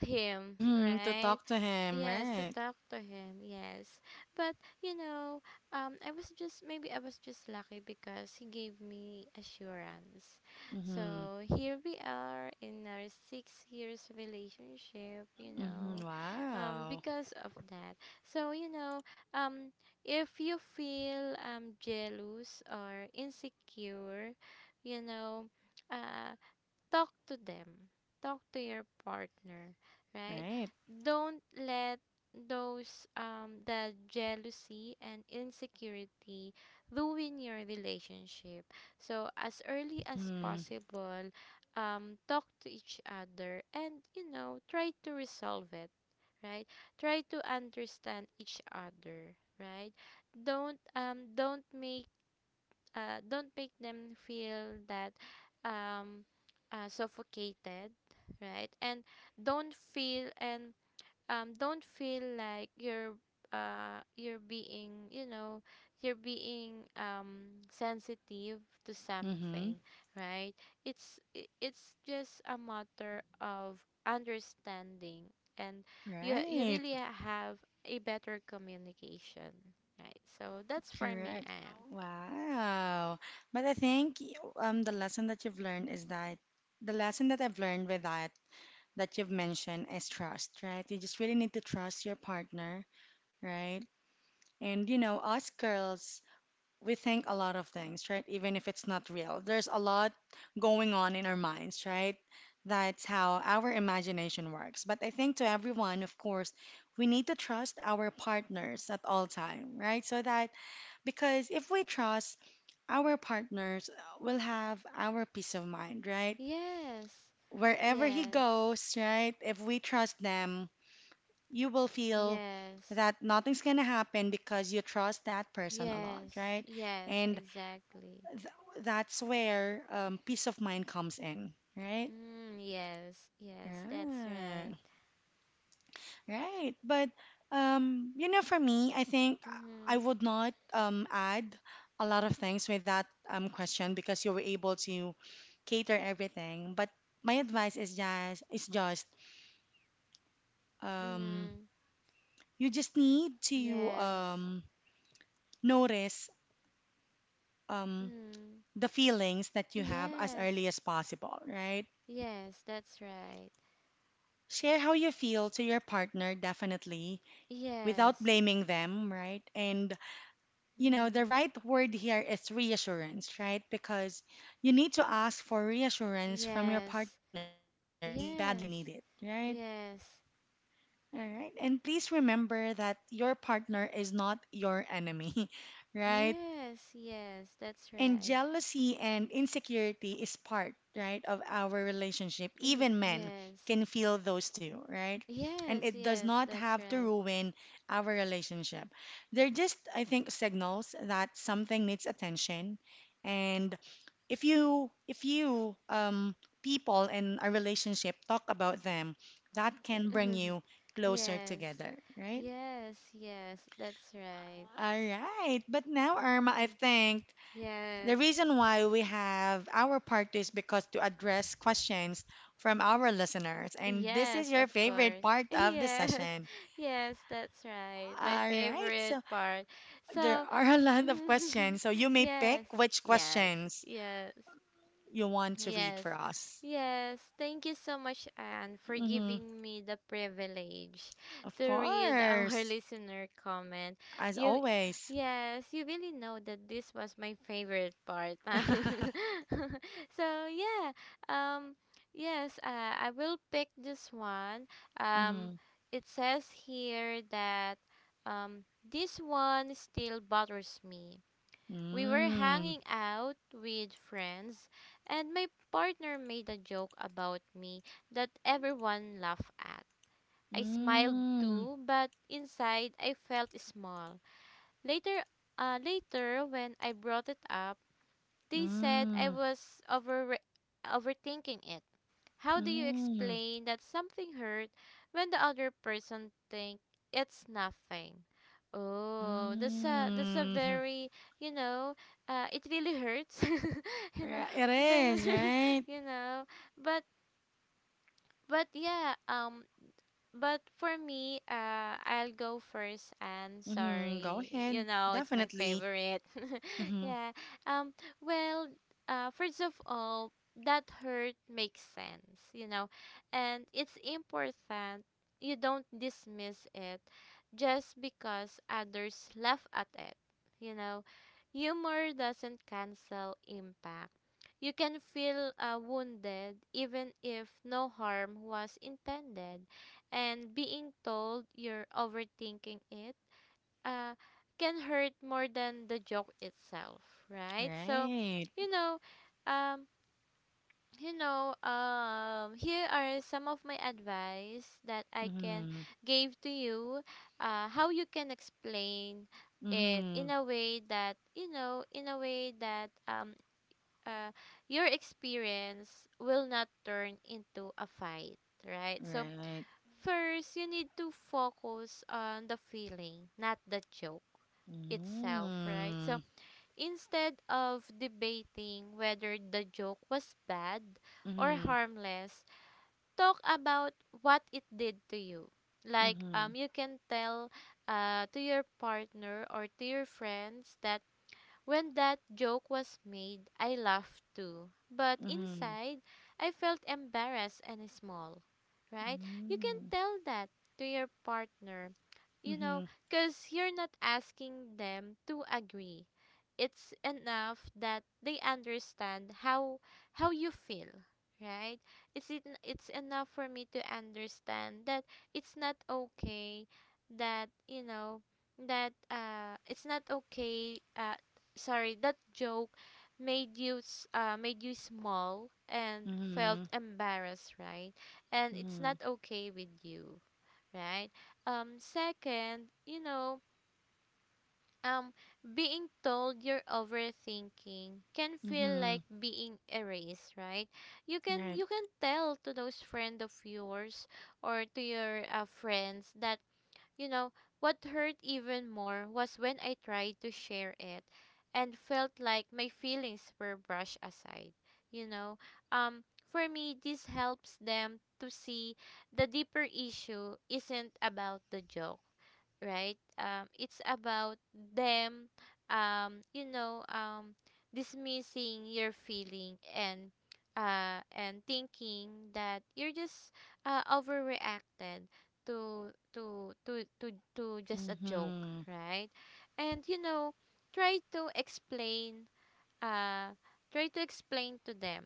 [SPEAKER 2] him,
[SPEAKER 1] Mm-hmm. To
[SPEAKER 2] right?
[SPEAKER 1] talk to him,
[SPEAKER 2] Yes, to
[SPEAKER 1] right?
[SPEAKER 2] talk to him, yes. But you know, I was just, maybe I was just lucky because he gave me assurance.
[SPEAKER 1] Mm-hmm.
[SPEAKER 2] So here we are in our 6 years relationship, you
[SPEAKER 1] Mm-hmm.
[SPEAKER 2] know,
[SPEAKER 1] Wow.
[SPEAKER 2] because of that. So, you know, um, if you feel jealous or insecure, you know, uh, talk to them, talk to your partner, right?
[SPEAKER 1] Right.
[SPEAKER 2] Don't let those the jealousy and insecurity ruin your relationship. So as early as
[SPEAKER 1] Mm-hmm.
[SPEAKER 2] possible, talk to each other and you know try to resolve it, right? Try to understand each other, right? Don't make, don't make them feel that, um, suffocated, right? And don't feel, and don't feel like you're, you're being, you know, you're being, sensitive to
[SPEAKER 1] Mm-hmm.
[SPEAKER 2] something, right? It's, it's just a matter of understanding. And you
[SPEAKER 1] Right.
[SPEAKER 2] really have a better communication, right? So that's for me,
[SPEAKER 1] Correct.
[SPEAKER 2] Anne.
[SPEAKER 1] Wow. But I think the lesson that you've learned is that the lesson that I've learned with that that you've mentioned is trust, right? You just really need to trust your partner, right? And you know, us girls, we think a lot of things, right? Even if it's not real. There's a lot going on in our minds, right? That's how our imagination works. But I think to everyone, of course, we need to trust our partners at all time, right? So that because if we trust our partners, we'll have our peace of mind, right?
[SPEAKER 2] Yes,
[SPEAKER 1] Wherever he
[SPEAKER 2] yes,
[SPEAKER 1] goes, right? If we trust them, you will feel
[SPEAKER 2] yes,
[SPEAKER 1] that nothing's gonna happen because you trust that person a lot,
[SPEAKER 2] yes,
[SPEAKER 1] right?
[SPEAKER 2] yes,
[SPEAKER 1] And
[SPEAKER 2] exactly.
[SPEAKER 1] that's where peace of mind comes in, right?
[SPEAKER 2] Mm, yes, yes, that's
[SPEAKER 1] Right.
[SPEAKER 2] right.
[SPEAKER 1] Right. But you know, for me, I think I
[SPEAKER 2] Mm-hmm,
[SPEAKER 1] would not add a lot of things with that question because you were able to cater everything. But my advice is just um,
[SPEAKER 2] mm-hmm,
[SPEAKER 1] you just need to
[SPEAKER 2] yes,
[SPEAKER 1] notice um,
[SPEAKER 2] mm,
[SPEAKER 1] the feelings that you have as
[SPEAKER 2] yes,
[SPEAKER 1] early as possible, right?
[SPEAKER 2] yes, that's right.
[SPEAKER 1] Share how you feel to your partner, definitely without
[SPEAKER 2] Yes,
[SPEAKER 1] blaming them, right? And, you know,
[SPEAKER 2] mm,
[SPEAKER 1] the right word here is reassurance, right? Because you need to ask for reassurance from your
[SPEAKER 2] yes,
[SPEAKER 1] partner if you need it, if you badly
[SPEAKER 2] yes,
[SPEAKER 1] need it, right?
[SPEAKER 2] yes,
[SPEAKER 1] All right. And please remember that your partner is not your enemy, [LAUGHS] right?
[SPEAKER 2] yes, yes, that's
[SPEAKER 1] And
[SPEAKER 2] right.
[SPEAKER 1] jealousy and insecurity is part, right, of our relationship.
[SPEAKER 2] Mm-hmm,
[SPEAKER 1] Even men
[SPEAKER 2] yes,
[SPEAKER 1] can feel those two, right? And
[SPEAKER 2] yes,
[SPEAKER 1] it does
[SPEAKER 2] yes,
[SPEAKER 1] not
[SPEAKER 2] that's
[SPEAKER 1] have to
[SPEAKER 2] right.
[SPEAKER 1] ruin our relationship. They're just, I think, signals that something needs attention. And if you people in a relationship talk about them, that can bring
[SPEAKER 2] [LAUGHS]
[SPEAKER 1] you closer
[SPEAKER 2] Yes.
[SPEAKER 1] together, right?
[SPEAKER 2] Yes, yes, that's right.
[SPEAKER 1] All right. But now, Irma, I think
[SPEAKER 2] [LAUGHS]
[SPEAKER 1] the
[SPEAKER 2] Yes.
[SPEAKER 1] reason why we have our part two is because to address questions from our listeners. And this is
[SPEAKER 2] Yes,
[SPEAKER 1] your
[SPEAKER 2] of
[SPEAKER 1] favorite
[SPEAKER 2] course. [LAUGHS]
[SPEAKER 1] part of the
[SPEAKER 2] Yes.
[SPEAKER 1] session.
[SPEAKER 2] Yes, that's right. My
[SPEAKER 1] All right.
[SPEAKER 2] favorite
[SPEAKER 1] So
[SPEAKER 2] part.
[SPEAKER 1] there
[SPEAKER 2] So,
[SPEAKER 1] are a lot of
[SPEAKER 2] [LAUGHS]
[SPEAKER 1] questions. So you may pick
[SPEAKER 2] yes.
[SPEAKER 1] which
[SPEAKER 2] Yes.
[SPEAKER 1] questions
[SPEAKER 2] Yes.
[SPEAKER 1] you want to read
[SPEAKER 2] Yes.
[SPEAKER 1] for us.
[SPEAKER 2] Yes. Thank you so much, Anne, for
[SPEAKER 1] Hmm.
[SPEAKER 2] giving me the privilege
[SPEAKER 1] Of
[SPEAKER 2] to read our [LAUGHS]
[SPEAKER 1] course.
[SPEAKER 2] listener comment.
[SPEAKER 1] As
[SPEAKER 2] You
[SPEAKER 1] always.
[SPEAKER 2] Yes, you really know that this was my favorite part.
[SPEAKER 1] [LAUGHS]
[SPEAKER 2] [LAUGHS] So yeah. Um yes, I will pick this one. Um
[SPEAKER 1] Hmm.
[SPEAKER 2] it says here that um this one still bothers me. We were
[SPEAKER 1] Mm.
[SPEAKER 2] hanging out with friends, and my partner made a joke about me that everyone laughed at. I smiled
[SPEAKER 1] Mm.
[SPEAKER 2] too, but inside I felt small. Later, when I brought it up, they said I
[SPEAKER 1] Mm.
[SPEAKER 2] was overthinking it. How do you
[SPEAKER 1] Mm.
[SPEAKER 2] explain that something hurt when the other person think it's nothing? Oh, that's a,
[SPEAKER 1] Mm.
[SPEAKER 2] very, you know, it really hurts, [LAUGHS] you know,
[SPEAKER 1] Right, it
[SPEAKER 2] but
[SPEAKER 1] is,
[SPEAKER 2] [LAUGHS]
[SPEAKER 1] right?
[SPEAKER 2] you know, but but yeah, but for me, I'll go first. And
[SPEAKER 1] Mm-hmm. Go
[SPEAKER 2] sorry, you
[SPEAKER 1] ahead.
[SPEAKER 2] know, it's my
[SPEAKER 1] Definitely.
[SPEAKER 2] favorite. [LAUGHS]
[SPEAKER 1] Mm-hmm.
[SPEAKER 2] Yeah. Um. Well, first of all, that hurt makes sense, you know, and it's important. You don't dismiss it just because others laugh at it. You know, humor doesn't cancel impact. You can feel, wounded, even if no harm was intended, and being told you're overthinking it, uh, can hurt more than the joke itself, right? So,
[SPEAKER 1] Right.
[SPEAKER 2] you know, um, you know, here are some of my advice that I can
[SPEAKER 1] Mm-hmm.
[SPEAKER 2] give to you. How you can explain it in
[SPEAKER 1] Mm-hmm.
[SPEAKER 2] a way that, you know, in a way that, uh, your experience will not turn into a fight, right? So
[SPEAKER 1] Right.
[SPEAKER 2] first, you need to focus on the feeling, not the joke itself, right? So
[SPEAKER 1] Mm-hmm.
[SPEAKER 2] instead of debating whether the joke was bad or
[SPEAKER 1] Mm-hmm.
[SPEAKER 2] harmless, talk about what it did to you. Like,
[SPEAKER 1] Mm-hmm.
[SPEAKER 2] you can tell, to your partner or to your friends that when that joke was made, I laughed too, but
[SPEAKER 1] Mm-hmm.
[SPEAKER 2] inside I felt embarrassed and small, right? You can tell that to your partner, you know,
[SPEAKER 1] Mm-hmm.
[SPEAKER 2] because you're not asking them to agree. It's enough that they understand how, you feel, right? It's, it's enough for me to understand that it's not okay, that you know that, it's not okay, sorry that joke made you, made you small and felt
[SPEAKER 1] Mm-hmm.
[SPEAKER 2] embarrassed, right? And it's
[SPEAKER 1] Mm-hmm.
[SPEAKER 2] not okay with you, right? Second, you know, um being told you're overthinking can feel
[SPEAKER 1] Mm-hmm.
[SPEAKER 2] like being erased, right? You can,
[SPEAKER 1] Right.
[SPEAKER 2] you can tell to those friend of yours or to your, friends that, you know, what hurt even more was when I tried to share it and felt like my feelings were brushed aside. You know, um, for me, this helps them to see the deeper issue isn't about the joke, right? It's about them, um, you know, um, dismissing your feeling, and, and thinking that you're just, overreacted to, just a joke,
[SPEAKER 1] Mm-hmm.
[SPEAKER 2] right? And you know, try to explain, uh, to them,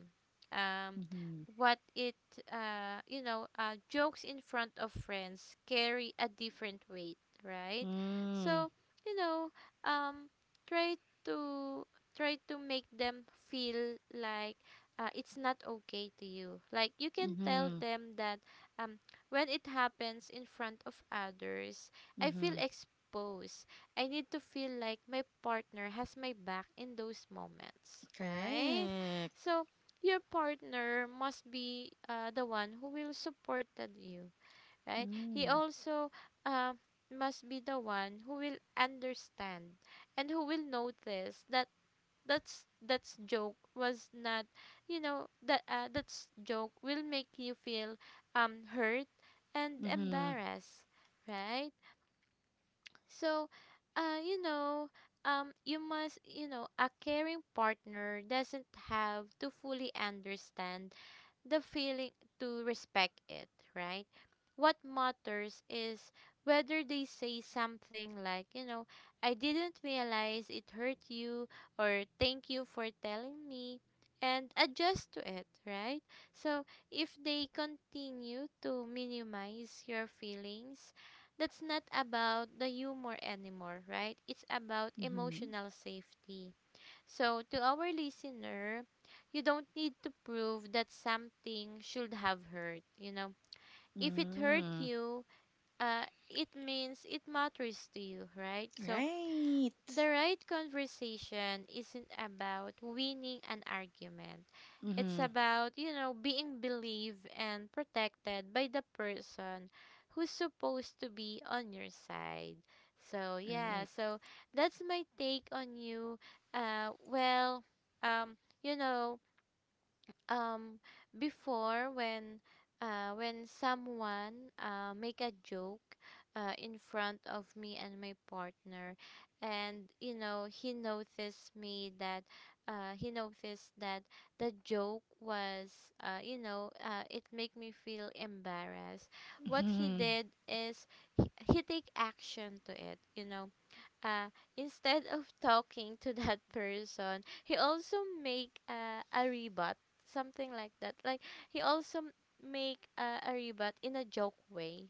[SPEAKER 2] um,
[SPEAKER 1] Mm-hmm.
[SPEAKER 2] what it, jokes in front of friends carry a different weight, right?
[SPEAKER 1] Mm-hmm.
[SPEAKER 2] So, you know, um, try to try to make them feel like, it's not okay to you. Like, you can tell
[SPEAKER 1] Mm-hmm.
[SPEAKER 2] them that, um, when it happens in front of others, I feel
[SPEAKER 1] Mm-hmm.
[SPEAKER 2] exposed. I need to feel like my partner has my back in those moments, right?
[SPEAKER 1] Correct.
[SPEAKER 2] So your partner must be, the one who will support you, right? He
[SPEAKER 1] Mm-hmm.
[SPEAKER 2] also, uh, must be the one who will understand and who will notice that that's joke was not, you know, that, that's joke will make you feel, hurt and
[SPEAKER 1] Mm-hmm.
[SPEAKER 2] embarrassed, right? So, you know, you must, you know, a caring partner doesn't have to fully understand the feeling to respect it, right? What matters is whether they say something like, you know, "I didn't realize it hurt you," or "Thank you for telling me," and adjust to it, right? So if they continue to minimize your feelings, that's not about the humor anymore, right? It's about
[SPEAKER 1] Mm-hmm.
[SPEAKER 2] emotional safety. So, to our listener, you don't need to prove that something should have hurt, you know. If it hurt
[SPEAKER 1] Mm-hmm.
[SPEAKER 2] you, it means it matters to you, right? So,
[SPEAKER 1] Right.
[SPEAKER 2] the right conversation isn't about winning an argument. It's
[SPEAKER 1] Mm-hmm.
[SPEAKER 2] about, being believed and protected by the person who's supposed to be on your side. So, yeah,
[SPEAKER 1] Right.
[SPEAKER 2] so that's my take on you. Well, um, you know, um before when someone make a joke in front of me and my partner, and he noticed that the joke was, it make me feel embarrassed. What he
[SPEAKER 1] Mm-hmm.
[SPEAKER 2] did is, he take action to it. uh, instead of talking to [LAUGHS] that person, he also make a rebut, something like that. Like he also make a rebut in a joke way,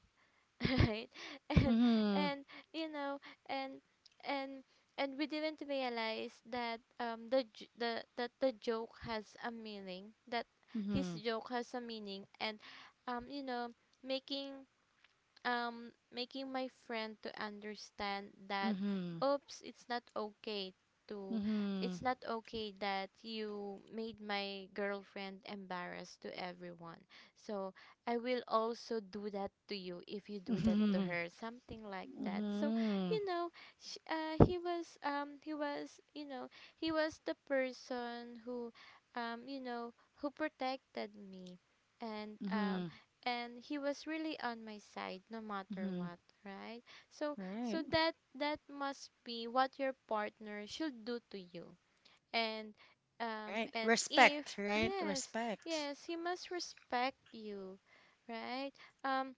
[SPEAKER 2] [LAUGHS] right? And
[SPEAKER 1] Mm-hmm.
[SPEAKER 2] and you know and and and we didn't realize that the joke has a meaning, that his
[SPEAKER 1] Mm-hmm.
[SPEAKER 2] joke has a meaning, and um you know making making my friend to understand that,
[SPEAKER 1] Mm-hmm.
[SPEAKER 2] oops, to
[SPEAKER 1] Mm-hmm.
[SPEAKER 2] it's not okay that you made my girlfriend embarrassed to everyone, so I will also do that to you if you do that to
[SPEAKER 1] Mm-hmm.
[SPEAKER 2] her, something like that. So,
[SPEAKER 1] Mm-hmm.
[SPEAKER 2] you know he was you know he was the person who, um you know who protected me, and um
[SPEAKER 1] Mm-hmm.
[SPEAKER 2] and he was really on my side no matter
[SPEAKER 1] Mm-hmm.
[SPEAKER 2] what, right? so
[SPEAKER 1] Right.
[SPEAKER 2] so that that must be what your partner should do to you. And,
[SPEAKER 1] Right.
[SPEAKER 2] and if,
[SPEAKER 1] Respect, right?
[SPEAKER 2] yes,
[SPEAKER 1] Respect.
[SPEAKER 2] yes, he must respect you, right? um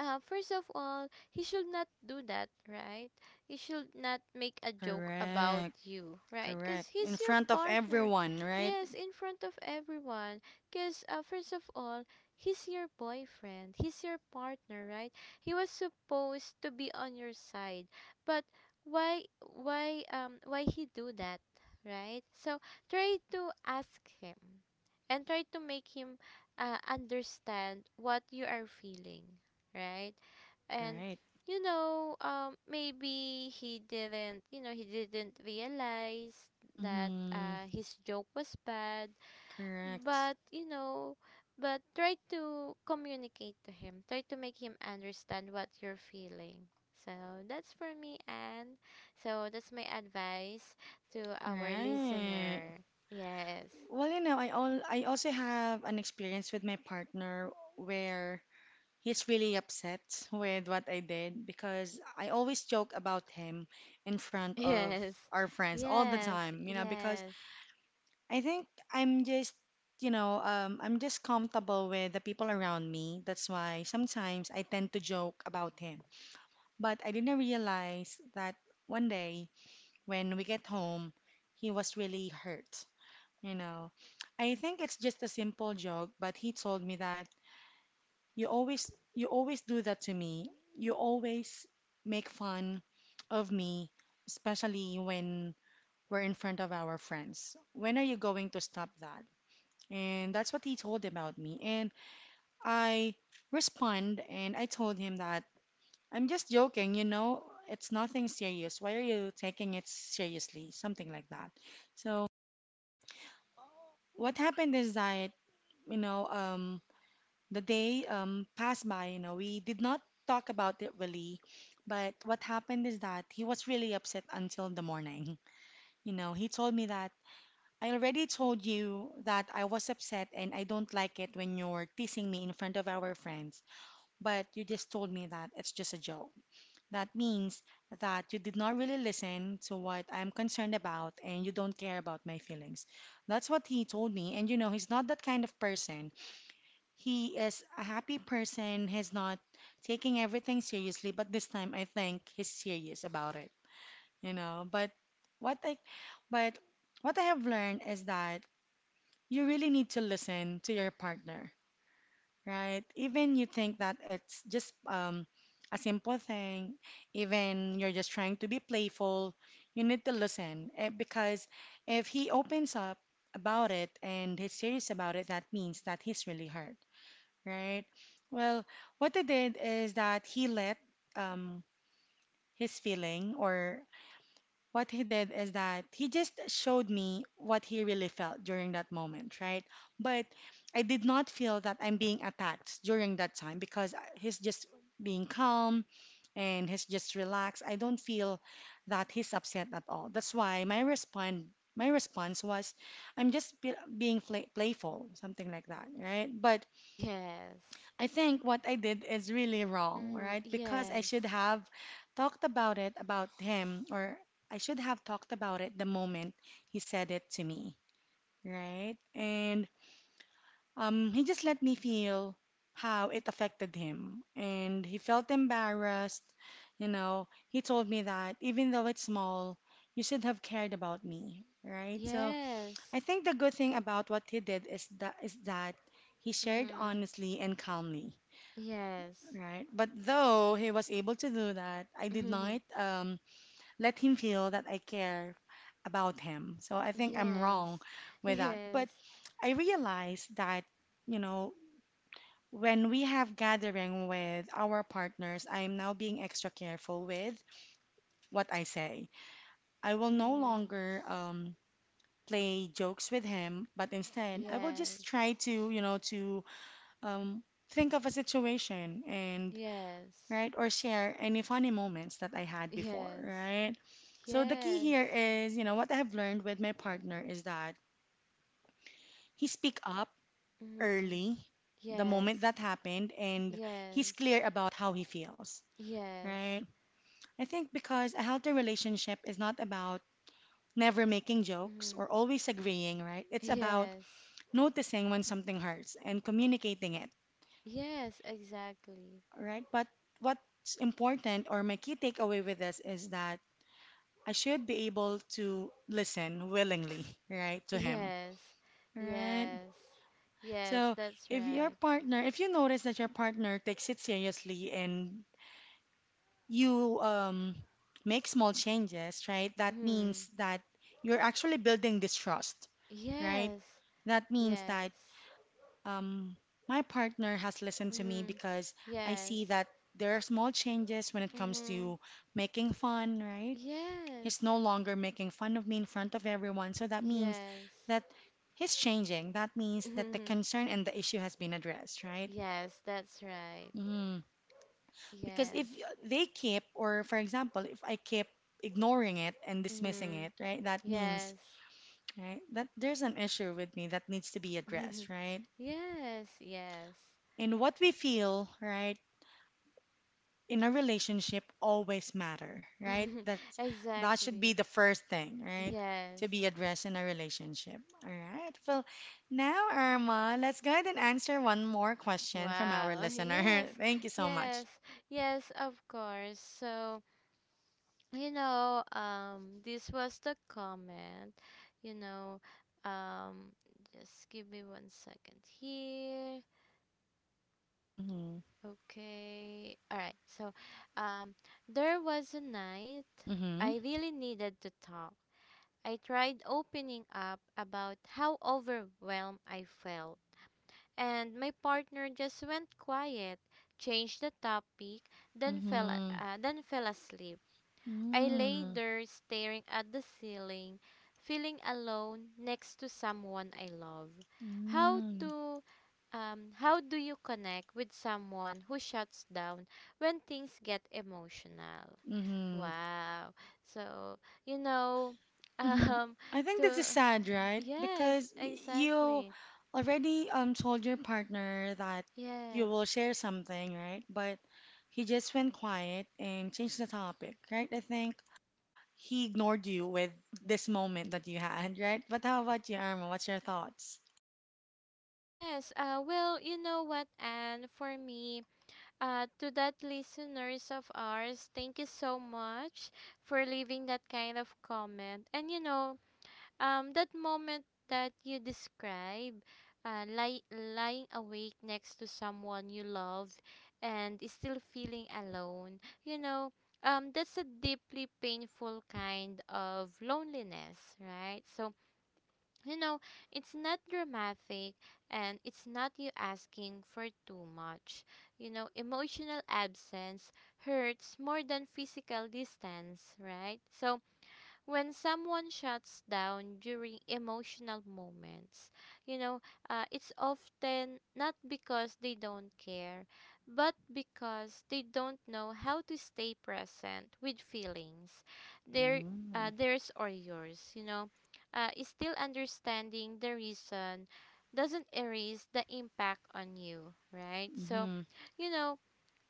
[SPEAKER 2] First of all, he should not do that, right? He should not make a joke about
[SPEAKER 1] Correct.
[SPEAKER 2] you, right? Because
[SPEAKER 1] Correct. In
[SPEAKER 2] he's your
[SPEAKER 1] front of
[SPEAKER 2] partner.
[SPEAKER 1] everyone, right?
[SPEAKER 2] Yes, in front of everyone. Because, first of all, he's your boyfriend. He's your partner, right? He was supposed to be on your side. But why he do that, right? So try to ask him and try to make him understand what you are feeling, right? And,
[SPEAKER 1] Right.
[SPEAKER 2] maybe he didn't realize that,
[SPEAKER 1] Mm-hmm.
[SPEAKER 2] his joke was bad,
[SPEAKER 1] Correct.
[SPEAKER 2] but, but try to communicate to him, try to make him understand what you're feeling. So that's for me, Anne. So that's my advice to our
[SPEAKER 1] Right.
[SPEAKER 2] listener. Yes,
[SPEAKER 1] Well, you know, I also have an experience with my partner where he's really upset with what I did because I always joke about him in front
[SPEAKER 2] [LAUGHS]
[SPEAKER 1] of
[SPEAKER 2] yes,
[SPEAKER 1] our friends all the
[SPEAKER 2] yes,
[SPEAKER 1] time, you know, because
[SPEAKER 2] yes,
[SPEAKER 1] I think I'm just, you know, I'm just comfortable with the people around me. That's why sometimes I tend to joke about him. But I didn't realize that one day when we get home, he was really hurt, you know. I think it's just a simple joke, but he told me that you always do that to me. You always make fun of me, especially when we're in front of our friends. When are you going to stop that? And that's what he told about me. And I respond and I told him that I'm just joking, you know, it's nothing serious. Why are you taking it seriously? Something like that. So what happened is that, you know, the day passed by, you know, we did not talk about it really, but what happened is that he was really upset until the morning. [LAUGHS] You know, he told me that I already told you that I was upset and I don't like it when you're teasing me in front of our friends, but you just told me that it's just a joke. That means that you did not really listen to what I'm concerned about and you don't care about my feelings. That's what he told me. And you know, he's not that kind of person. He is a happy person. He's not taking everything seriously, but this time I think he's serious about it, you know. But what I but what I have learned is that you really need to listen to your partner, right? Even you think that it's just a simple thing, even you're just trying to be playful, you need to listen because if he opens up about it and he's serious about it, that means that he's really hurt. Right. Well, what he did is that he let um his feeling or what he did is that he just showed me what he really felt during that moment, right? But I did not feel that I'm being attacked during that time because he's just being calm and he's just relaxed. I don't feel that he's upset at all. That's why my response was I'm just being playful, something like that, right? But
[SPEAKER 2] yes.
[SPEAKER 1] I think what I did is really wrong,
[SPEAKER 2] Mm-hmm.
[SPEAKER 1] right? Because I
[SPEAKER 2] Yes.
[SPEAKER 1] should have talked about it about him, or I should have talked about it the moment he said it to me, right? And he just let me feel how it affected him, and he felt embarrassed. You know, he told me that even though it's small, you should have cared about me, right? So I
[SPEAKER 2] Yes.
[SPEAKER 1] think the good thing about what he did is that he shared
[SPEAKER 2] Mm-hmm.
[SPEAKER 1] honestly and calmly.
[SPEAKER 2] Yes.
[SPEAKER 1] Right. But though he was able to do that, I
[SPEAKER 2] [LAUGHS]
[SPEAKER 1] did not
[SPEAKER 2] Hmm.
[SPEAKER 1] let him feel that I care about him. So I think I'm wrong
[SPEAKER 2] Yes.
[SPEAKER 1] with that. But
[SPEAKER 2] Yes.
[SPEAKER 1] I realized that, you know, when we have gathering with our partners, I am now being extra careful with what I say. I will no
[SPEAKER 2] Mm-hmm.
[SPEAKER 1] longer play jokes with him, but instead I will just
[SPEAKER 2] Yes.
[SPEAKER 1] try to, you know, to um, think of a situation and
[SPEAKER 2] Yes.
[SPEAKER 1] right? Or share any funny moments that I had before,
[SPEAKER 2] Yes.
[SPEAKER 1] right? So the key
[SPEAKER 2] Yes.
[SPEAKER 1] here is, you know, what I have learned with my partner is that he speak up
[SPEAKER 2] Mm-hmm.
[SPEAKER 1] early the moment
[SPEAKER 2] Yes.
[SPEAKER 1] that happened and he's
[SPEAKER 2] Yes.
[SPEAKER 1] clear about how he feels, right?
[SPEAKER 2] Yes.
[SPEAKER 1] I think because a healthy relationship is not about never making jokes
[SPEAKER 2] Mm-hmm.
[SPEAKER 1] or always agreeing, right? It's about
[SPEAKER 2] Yes.
[SPEAKER 1] noticing when something hurts and communicating it,
[SPEAKER 2] Yes, exactly.
[SPEAKER 1] right? But what's important or my key takeaway with this is that I should be able to listen willingly, right, to him.
[SPEAKER 2] Yes.
[SPEAKER 1] Right.
[SPEAKER 2] Yes. Yes,
[SPEAKER 1] So
[SPEAKER 2] that's
[SPEAKER 1] if your
[SPEAKER 2] right.
[SPEAKER 1] partner, if you notice that your partner takes it seriously and you make small changes, right, that
[SPEAKER 2] Mm.
[SPEAKER 1] means that you're actually building this trust, right?
[SPEAKER 2] Yes.
[SPEAKER 1] That means that
[SPEAKER 2] Yes.
[SPEAKER 1] um, my partner has listened to me
[SPEAKER 2] Mm.
[SPEAKER 1] because I see
[SPEAKER 2] Yes.
[SPEAKER 1] that there are small changes when it comes
[SPEAKER 2] Mm-hmm.
[SPEAKER 1] to making fun, right? He's
[SPEAKER 2] Yes.
[SPEAKER 1] no longer making fun of me in front of everyone. So that means
[SPEAKER 2] Yes.
[SPEAKER 1] that he's changing. That means that the
[SPEAKER 2] Mm-hmm.
[SPEAKER 1] concern and the issue has been addressed, right?
[SPEAKER 2] Yes, that's right.
[SPEAKER 1] Mm. Because if
[SPEAKER 2] Yes.
[SPEAKER 1] they keep, or for example, if I keep ignoring it and dismissing
[SPEAKER 2] Mm-hmm.
[SPEAKER 1] it, right, that means,
[SPEAKER 2] Yes.
[SPEAKER 1] right, that there's an issue with me that needs to be
[SPEAKER 2] Mm-hmm.
[SPEAKER 1] addressed, right?
[SPEAKER 2] Yes. Yes.
[SPEAKER 1] And what we feel, right, in a relationship always matter, right?
[SPEAKER 2] [LAUGHS]
[SPEAKER 1] That should be
[SPEAKER 2] Exactly.
[SPEAKER 1] the first thing, right?
[SPEAKER 2] Yes.
[SPEAKER 1] To be addressed in a relationship. All right. Well, now Irma, let's go ahead and answer one more question from our
[SPEAKER 2] Wow. [LAUGHS]
[SPEAKER 1] listener. [LAUGHS]
[SPEAKER 2] Yes.
[SPEAKER 1] Thank you so much.
[SPEAKER 2] Yes. Yes, of course. So, this was the comment. you know, um just give me one second here.
[SPEAKER 1] Mm-hmm.
[SPEAKER 2] Okay. All right. So, um, there was a night
[SPEAKER 1] Mm-hmm.
[SPEAKER 2] I really needed to talk. I tried opening up about how overwhelmed I felt, and my partner just went quiet, changed the topic, then fell
[SPEAKER 1] Mm-hmm.
[SPEAKER 2] uh, then fell asleep. I lay
[SPEAKER 1] Mm-hmm.
[SPEAKER 2] there staring at the ceiling, feeling alone next to someone I love. How to how do you connect with someone who shuts down when things get emotional?
[SPEAKER 1] Mm-hmm.
[SPEAKER 2] Wow. So, you know, [LAUGHS]
[SPEAKER 1] hmm
[SPEAKER 2] um,
[SPEAKER 1] I think this is
[SPEAKER 2] to,
[SPEAKER 1] sad, right?
[SPEAKER 2] yes,
[SPEAKER 1] Because you
[SPEAKER 2] exactly.
[SPEAKER 1] already told your partner that you
[SPEAKER 2] Yes.
[SPEAKER 1] will share something, right? But he just went quiet and changed the topic, right? I think he ignored you with this moment that you had, [LAUGHS] right? But how about you, Arma? What's your thoughts?
[SPEAKER 2] Yes, well, you know what, Anne, for me, to that listeners of ours, thank you so much for leaving that kind of comment. And, that moment that you describe, lying awake next to someone you love and is still feeling alone. That's a deeply painful kind of loneliness, right? So, you know it's not dramatic, and it's not you asking for too much. Emotional absence hurts more than physical distance, right? So, when someone shuts down during emotional moments, you know, it's often not because they don't care, but because they don't know how to stay present with feelings, their,
[SPEAKER 1] Mm-hmm.
[SPEAKER 2] theirs or yours. Is still understanding the reason doesn't erase the impact on you, right? So,
[SPEAKER 1] Mm-hmm.
[SPEAKER 2] you know,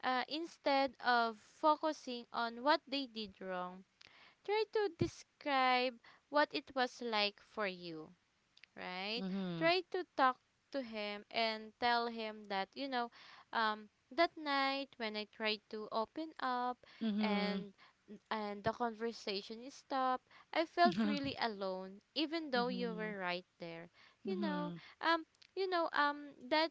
[SPEAKER 2] instead of focusing on what they did wrong, try to describe what it was like for you, right? Try to talk to him and tell him that, um, that night when I tried to open up,
[SPEAKER 1] Mm-hmm.
[SPEAKER 2] and and the conversation is stopped, I felt really
[SPEAKER 1] [LAUGHS]
[SPEAKER 2] alone, even though you
[SPEAKER 1] Mm-hmm.
[SPEAKER 2] were right there. You know, um, you know, um, that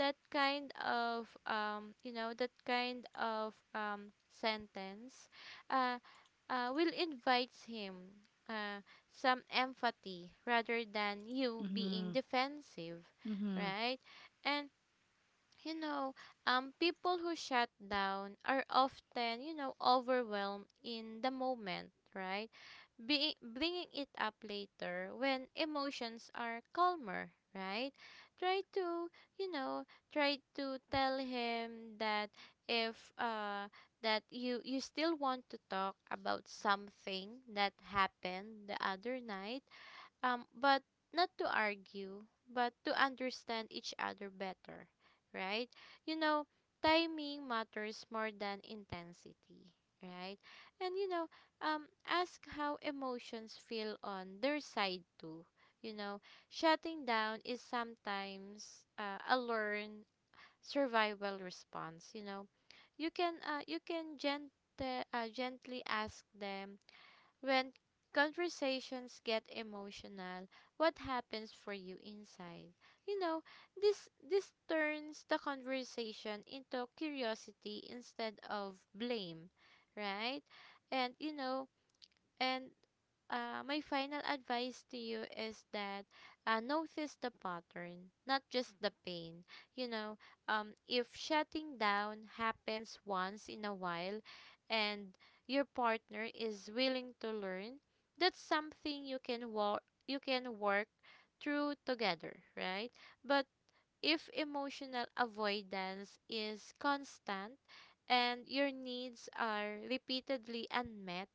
[SPEAKER 2] that kind of, sentence, uh, will invites him. Uh, some empathy rather than you
[SPEAKER 1] Mm-hmm.
[SPEAKER 2] being
[SPEAKER 1] Mm-hmm.
[SPEAKER 2] defensive,
[SPEAKER 1] Mm-hmm.
[SPEAKER 2] right? And, you know, people who shut down are often, overwhelmed in the moment, right? Bringing it up later when emotions are calmer, right? Try to, you know, try to tell him that, if that you still want to talk about something that happened the other night, but not to argue, but to understand each other better, right? You know, Timing matters more than intensity, right? And, ask how emotions feel on their side too. You know, Shutting down is sometimes a learned survival response. You can gently ask them, when conversations get emotional, what happens for you inside? You know, this turns the conversation into curiosity instead of blame, right? And, and my final advice to you is that, notice the pattern, not just the pain. You know, if shutting down happens once in a while and your partner is willing to learn, that's something you can work through together, right? But if emotional avoidance is constant and your needs are repeatedly unmet,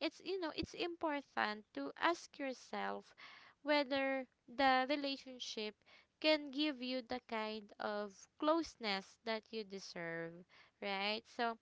[SPEAKER 2] it's important to ask yourself whether the relationship can give you the kind of closeness that you deserve, right? So,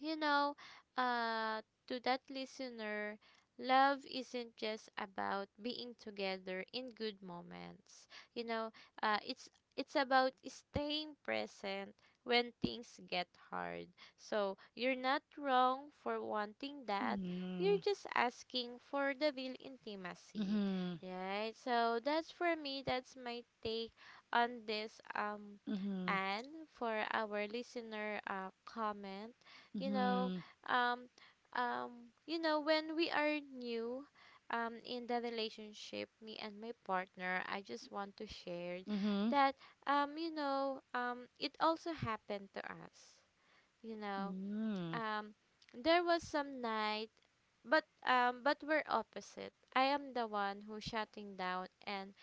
[SPEAKER 2] you know, uh, to that listener, love isn't just about being together in good moments. You know, uh, it's it's about staying present when things get hard. So you're not wrong for wanting that. You're
[SPEAKER 1] Mm-hmm.
[SPEAKER 2] just asking for the real intimacy,
[SPEAKER 1] Mm-hmm.
[SPEAKER 2] right? So that's for me. That's my take on this.
[SPEAKER 1] Mm-hmm.
[SPEAKER 2] And for our listener, comment, you know
[SPEAKER 1] Mm-hmm.
[SPEAKER 2] um when we are new, in the relationship, me and my partner, I just want to share
[SPEAKER 1] Mm-hmm. [LAUGHS]
[SPEAKER 2] that, it also happened to us. you know
[SPEAKER 1] Mm.
[SPEAKER 2] um there was some night, but we're opposite. I am the one who shutting down and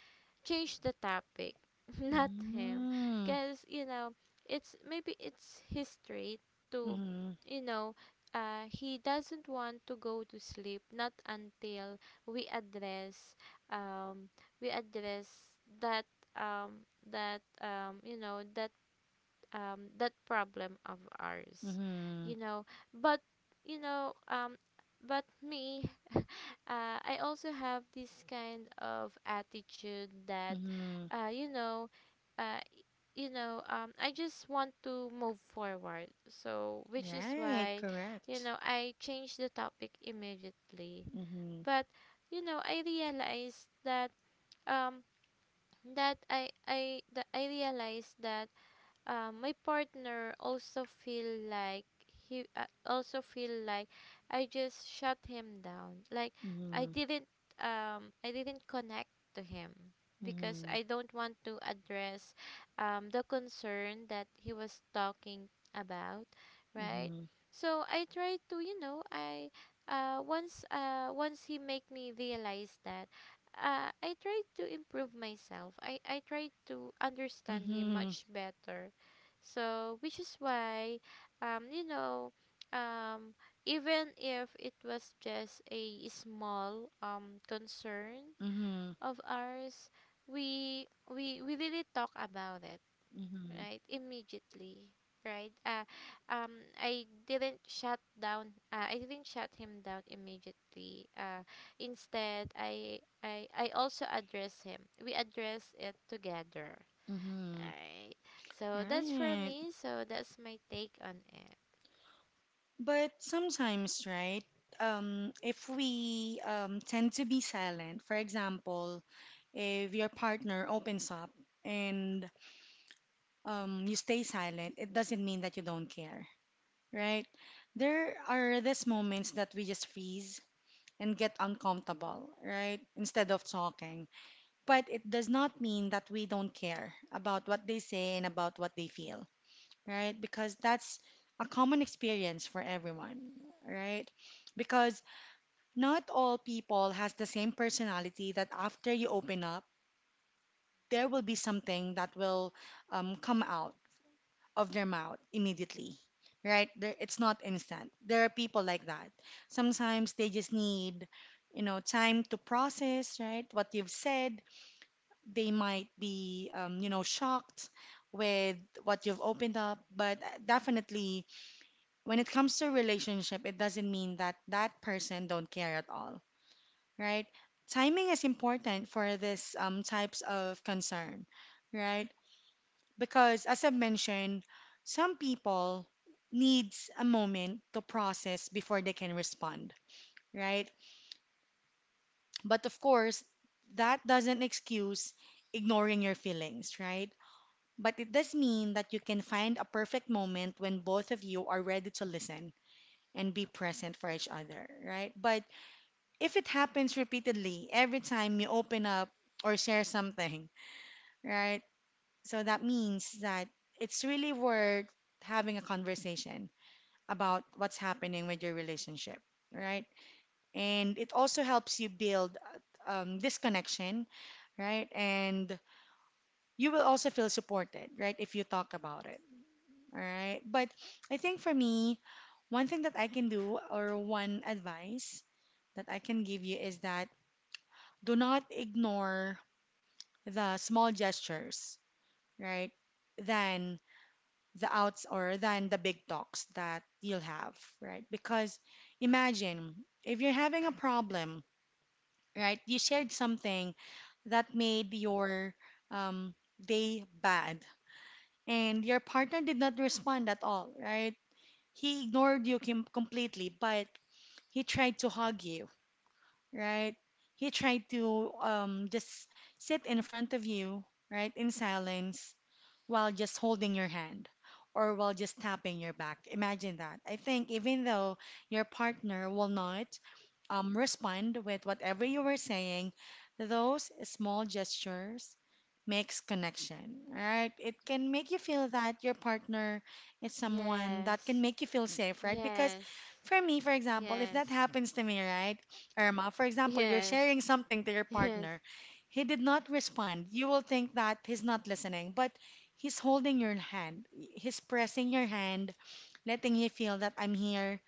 [SPEAKER 2] change the topic, [LAUGHS] not him,
[SPEAKER 1] Mm.
[SPEAKER 2] because, it's maybe it's his trait to,
[SPEAKER 1] Mhm.
[SPEAKER 2] you know, he doesn't want to go to sleep not until we um, address that, um that um you know that that problem of ours, you
[SPEAKER 1] Mhm.
[SPEAKER 2] know, but, you know um but me, I also have this kind of attitude that,
[SPEAKER 1] Mhm.
[SPEAKER 2] uh, you know, uh, I just want to move forward. So, which is
[SPEAKER 1] Right.
[SPEAKER 2] why,
[SPEAKER 1] Correct.
[SPEAKER 2] I changed the topic immediately.
[SPEAKER 1] Mhm.
[SPEAKER 2] But, I realized that, um, that I, that I realized that my partner also feel like, he uh, also feel like I just shut him down. Like, I
[SPEAKER 1] Mhm.
[SPEAKER 2] didn't I didn't connect to him because
[SPEAKER 1] Mhm.
[SPEAKER 2] I don't want to address, the concern that he was talking about, right?
[SPEAKER 1] Mhm.
[SPEAKER 2] So I tried to, you know, I once he make me realize that, I tried to improve myself. I tried to understand him
[SPEAKER 1] Mhm.
[SPEAKER 2] much better. So, which is why, um, you know, um, even if it was just a small, concern
[SPEAKER 1] Mhm.
[SPEAKER 2] of ours, we really talk about it,
[SPEAKER 1] Mhm.
[SPEAKER 2] right? Immediately, right? I didn't shut down. I didn't shut him down immediately. Instead, I also address him. We address it together
[SPEAKER 1] Mhm.
[SPEAKER 2] Alright. So that's for
[SPEAKER 1] Right.
[SPEAKER 2] me. So that's my take on it.
[SPEAKER 1] But sometimes, right? If we tend to be silent, for example, if your partner opens up and you stay silent, it doesn't mean that you don't care, right? There are these moments that we just freeze and get uncomfortable, right? Instead of talking. But it does not mean that we don't care about what they say and about what they feel, right? Because that's a common experience for everyone, right? Because not all people has the same personality that after you open up, there will be something that will come out of their mouth immediately, right? There, it's not instant. There are people like that. Sometimes they just need, you know, time to process, right? What you've said. They might be, you know, shocked with what you've opened up. But definitely, when it comes to relationship, it doesn't mean that that person don't care at all, right? Timing is important for this types of concern, right? Because as I've mentioned, some people needs a moment to process before they can respond, right? But of course, that doesn't excuse ignoring your feelings, right? But it does mean that you can find a perfect moment when both of you are ready to listen and be present for each other, right? But if it happens repeatedly every time you open up or share something, right? So that means that it's really worth having a conversation about what's happening with your relationship, right? And it also helps you build this connection, right? And you will also feel supported, right, if you talk about it, all right? But I think for me, one thing that I can do or one advice that I can give you is that do not ignore the small gestures, right? Then the outs or than the big talks that you'll have, right? Because imagine if you're having a problem, right? You shared something that made your um, day bad, and your partner did not respond at all, right? He ignored you completely, but he tried to hug you, right? He tried to just sit in front of you, right, in silence while just holding your hand or while just tapping your back. Imagine that. I think even though your partner will not respond with whatever you were saying, those small gestures makes connection, right? It can make you feel that your partner is someone that can
[SPEAKER 2] Yes.
[SPEAKER 1] make you feel safe, right? Because
[SPEAKER 2] Yes.
[SPEAKER 1] for me, for example, if that
[SPEAKER 2] Yes.
[SPEAKER 1] happens to me, right, Irma, for example, you're
[SPEAKER 2] Yes.
[SPEAKER 1] sharing something to your
[SPEAKER 2] Yes.
[SPEAKER 1] partner, he did not respond. You will think that he's not listening, but he's holding your hand. He's pressing your hand, letting you feel that I'm here.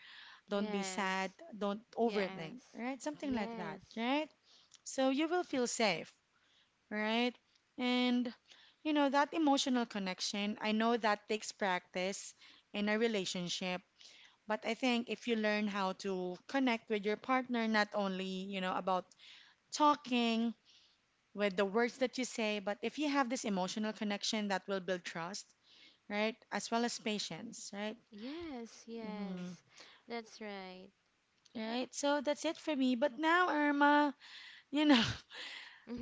[SPEAKER 1] Don't be sad.
[SPEAKER 2] Yes.
[SPEAKER 1] Don't overthink,
[SPEAKER 2] Yes.
[SPEAKER 1] right? Something like that,
[SPEAKER 2] Yes.
[SPEAKER 1] right? So you will feel safe, right? And, you know, that emotional connection, I know that takes practice in a relationship. But I think if you learn how to connect with your partner, not only, you know, about talking with the words that you say, but if you have this emotional connection, that will build trust, right? As well as patience, right?
[SPEAKER 2] Yes.
[SPEAKER 1] Hmm.
[SPEAKER 2] Yes. That's right.
[SPEAKER 1] Right. So that's it for me. But now, Irma, you know,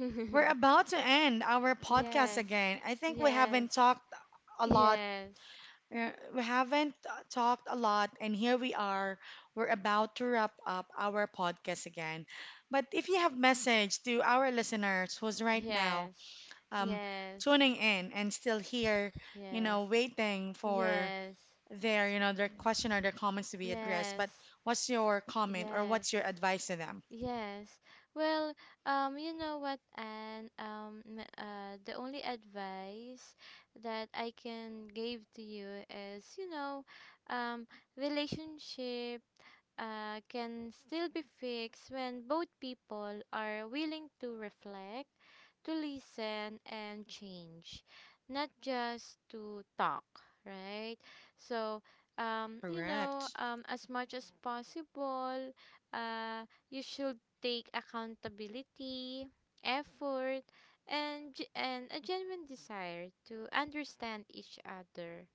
[SPEAKER 1] [LAUGHS] we're about to end our
[SPEAKER 2] [LAUGHS]
[SPEAKER 1] podcast
[SPEAKER 2] Yes.
[SPEAKER 1] again. I think we
[SPEAKER 2] Yes.
[SPEAKER 1] haven't talked a lot.
[SPEAKER 2] Yes.
[SPEAKER 1] uh, We haven't talked a lot, and here we are. We're about to wrap up our podcast again. But if you have message to our listeners who's right now
[SPEAKER 2] Yes.
[SPEAKER 1] um,
[SPEAKER 2] Yes.
[SPEAKER 1] tuning in and still here, you
[SPEAKER 2] Yes.
[SPEAKER 1] know, waiting for
[SPEAKER 2] Yes.
[SPEAKER 1] their, you know, their
[SPEAKER 2] Mm.
[SPEAKER 1] question or their comments to be addressed.
[SPEAKER 2] Yes.
[SPEAKER 1] But what's your comment or
[SPEAKER 2] Yes.
[SPEAKER 1] what's your advice to them?
[SPEAKER 2] Yes. Well, you know what, and, the only advice that I can give to you is, um, relationship, can still be fixed when both people are willing to reflect, to listen, and change, not just to talk, right? So,
[SPEAKER 1] Correct.
[SPEAKER 2] as much as possible, uh, you should take accountability, effort, and, and a genuine desire to understand each other,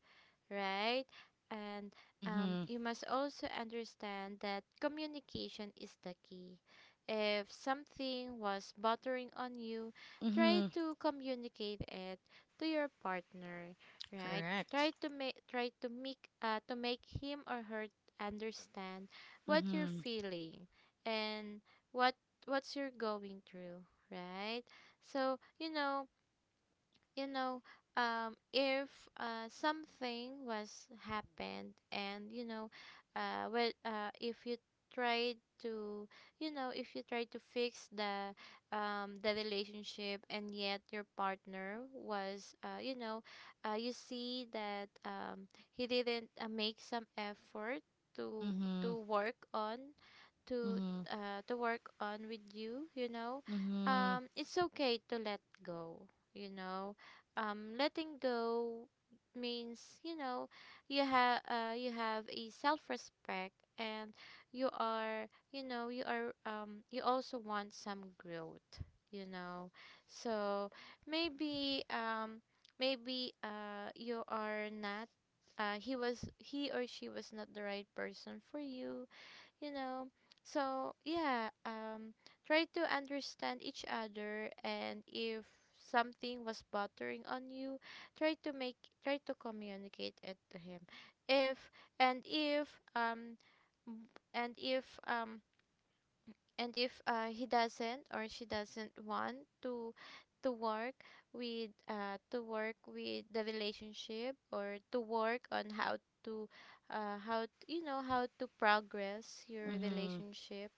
[SPEAKER 2] right? And,
[SPEAKER 1] Mm-hmm.
[SPEAKER 2] you must also understand that communication is the key. If something was bothering on you, try
[SPEAKER 1] Mm-hmm.
[SPEAKER 2] to communicate it to your partner, right?
[SPEAKER 1] Correct.
[SPEAKER 2] Try to make him or her understand what you're
[SPEAKER 1] Mm-hmm.
[SPEAKER 2] feeling, and what what's you're going through, right? So, you know if something was happened. And, well, if you try to you know if you try to fix the relationship, and yet your partner was, you see that, he didn't, make some effort to,
[SPEAKER 1] Mm-hmm.
[SPEAKER 2] to work on to
[SPEAKER 1] Mm-hmm.
[SPEAKER 2] to work on with you. You know
[SPEAKER 1] Mm-hmm.
[SPEAKER 2] It's okay to let go. you know Letting go means, you have, a self respect, and you are, you also want some growth. you know so, maybe maybe you are not, he or she was not the right person for you. You know So, yeah, try to understand each other. And if something was bothering on you, try to make try to communicate it to him, if, and if m- and if he doesn't or she doesn't want to, to work to work with the relationship, or to work on, to uh, how t- how to progress your
[SPEAKER 1] Mm-hmm.
[SPEAKER 2] relationship.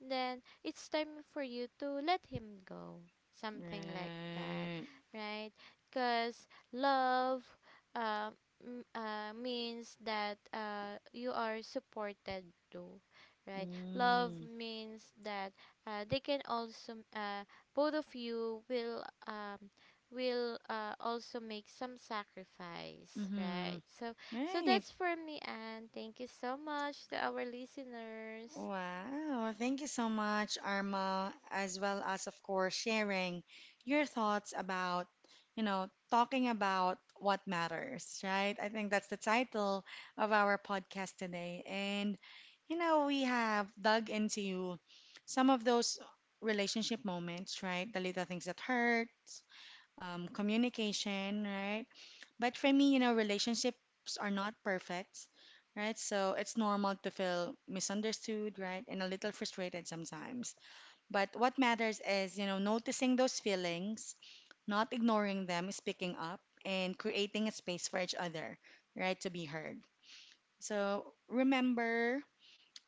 [SPEAKER 2] Then it's time for you to let him go, something like that,
[SPEAKER 1] Right.
[SPEAKER 2] right? Because love, uh, means that, you are supported too, right? Love
[SPEAKER 1] Mm-hmm.
[SPEAKER 2] means that, they can also both of you will, also make some sacrifice,
[SPEAKER 1] Mm-hmm.
[SPEAKER 2] right? So so
[SPEAKER 1] Right.
[SPEAKER 2] that's for me, and thank you so much to our listeners.
[SPEAKER 1] Wow, thank you so much, Arma, as well as, of course, sharing your thoughts about, you know, talking about what matters, right? I think that's the title of our podcast today. And, you know, we have dug into some of those relationship moments, right? The little things that hurt, communication, right? But for me, you know, relationships are not perfect, right? So it's normal to feel misunderstood, right? And a little frustrated sometimes. But what matters is, you know, noticing those feelings, not ignoring them, speaking up, and creating a space for each other, right? To be heard. So remember,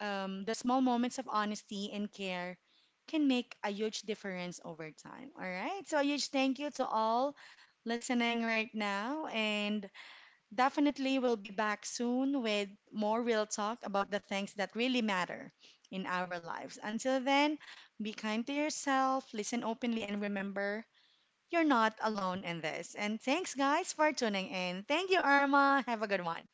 [SPEAKER 1] the small moments of honesty and care can make a huge difference over time. All right. So a huge thank you to all listening right now. And definitely, we'll be back soon with more real talk about the things that really matter in our lives. Until then, be kind to yourself, listen openly, and remember you're not alone in this. And thanks, guys, for tuning in. Thank you, Irma. Have a good one.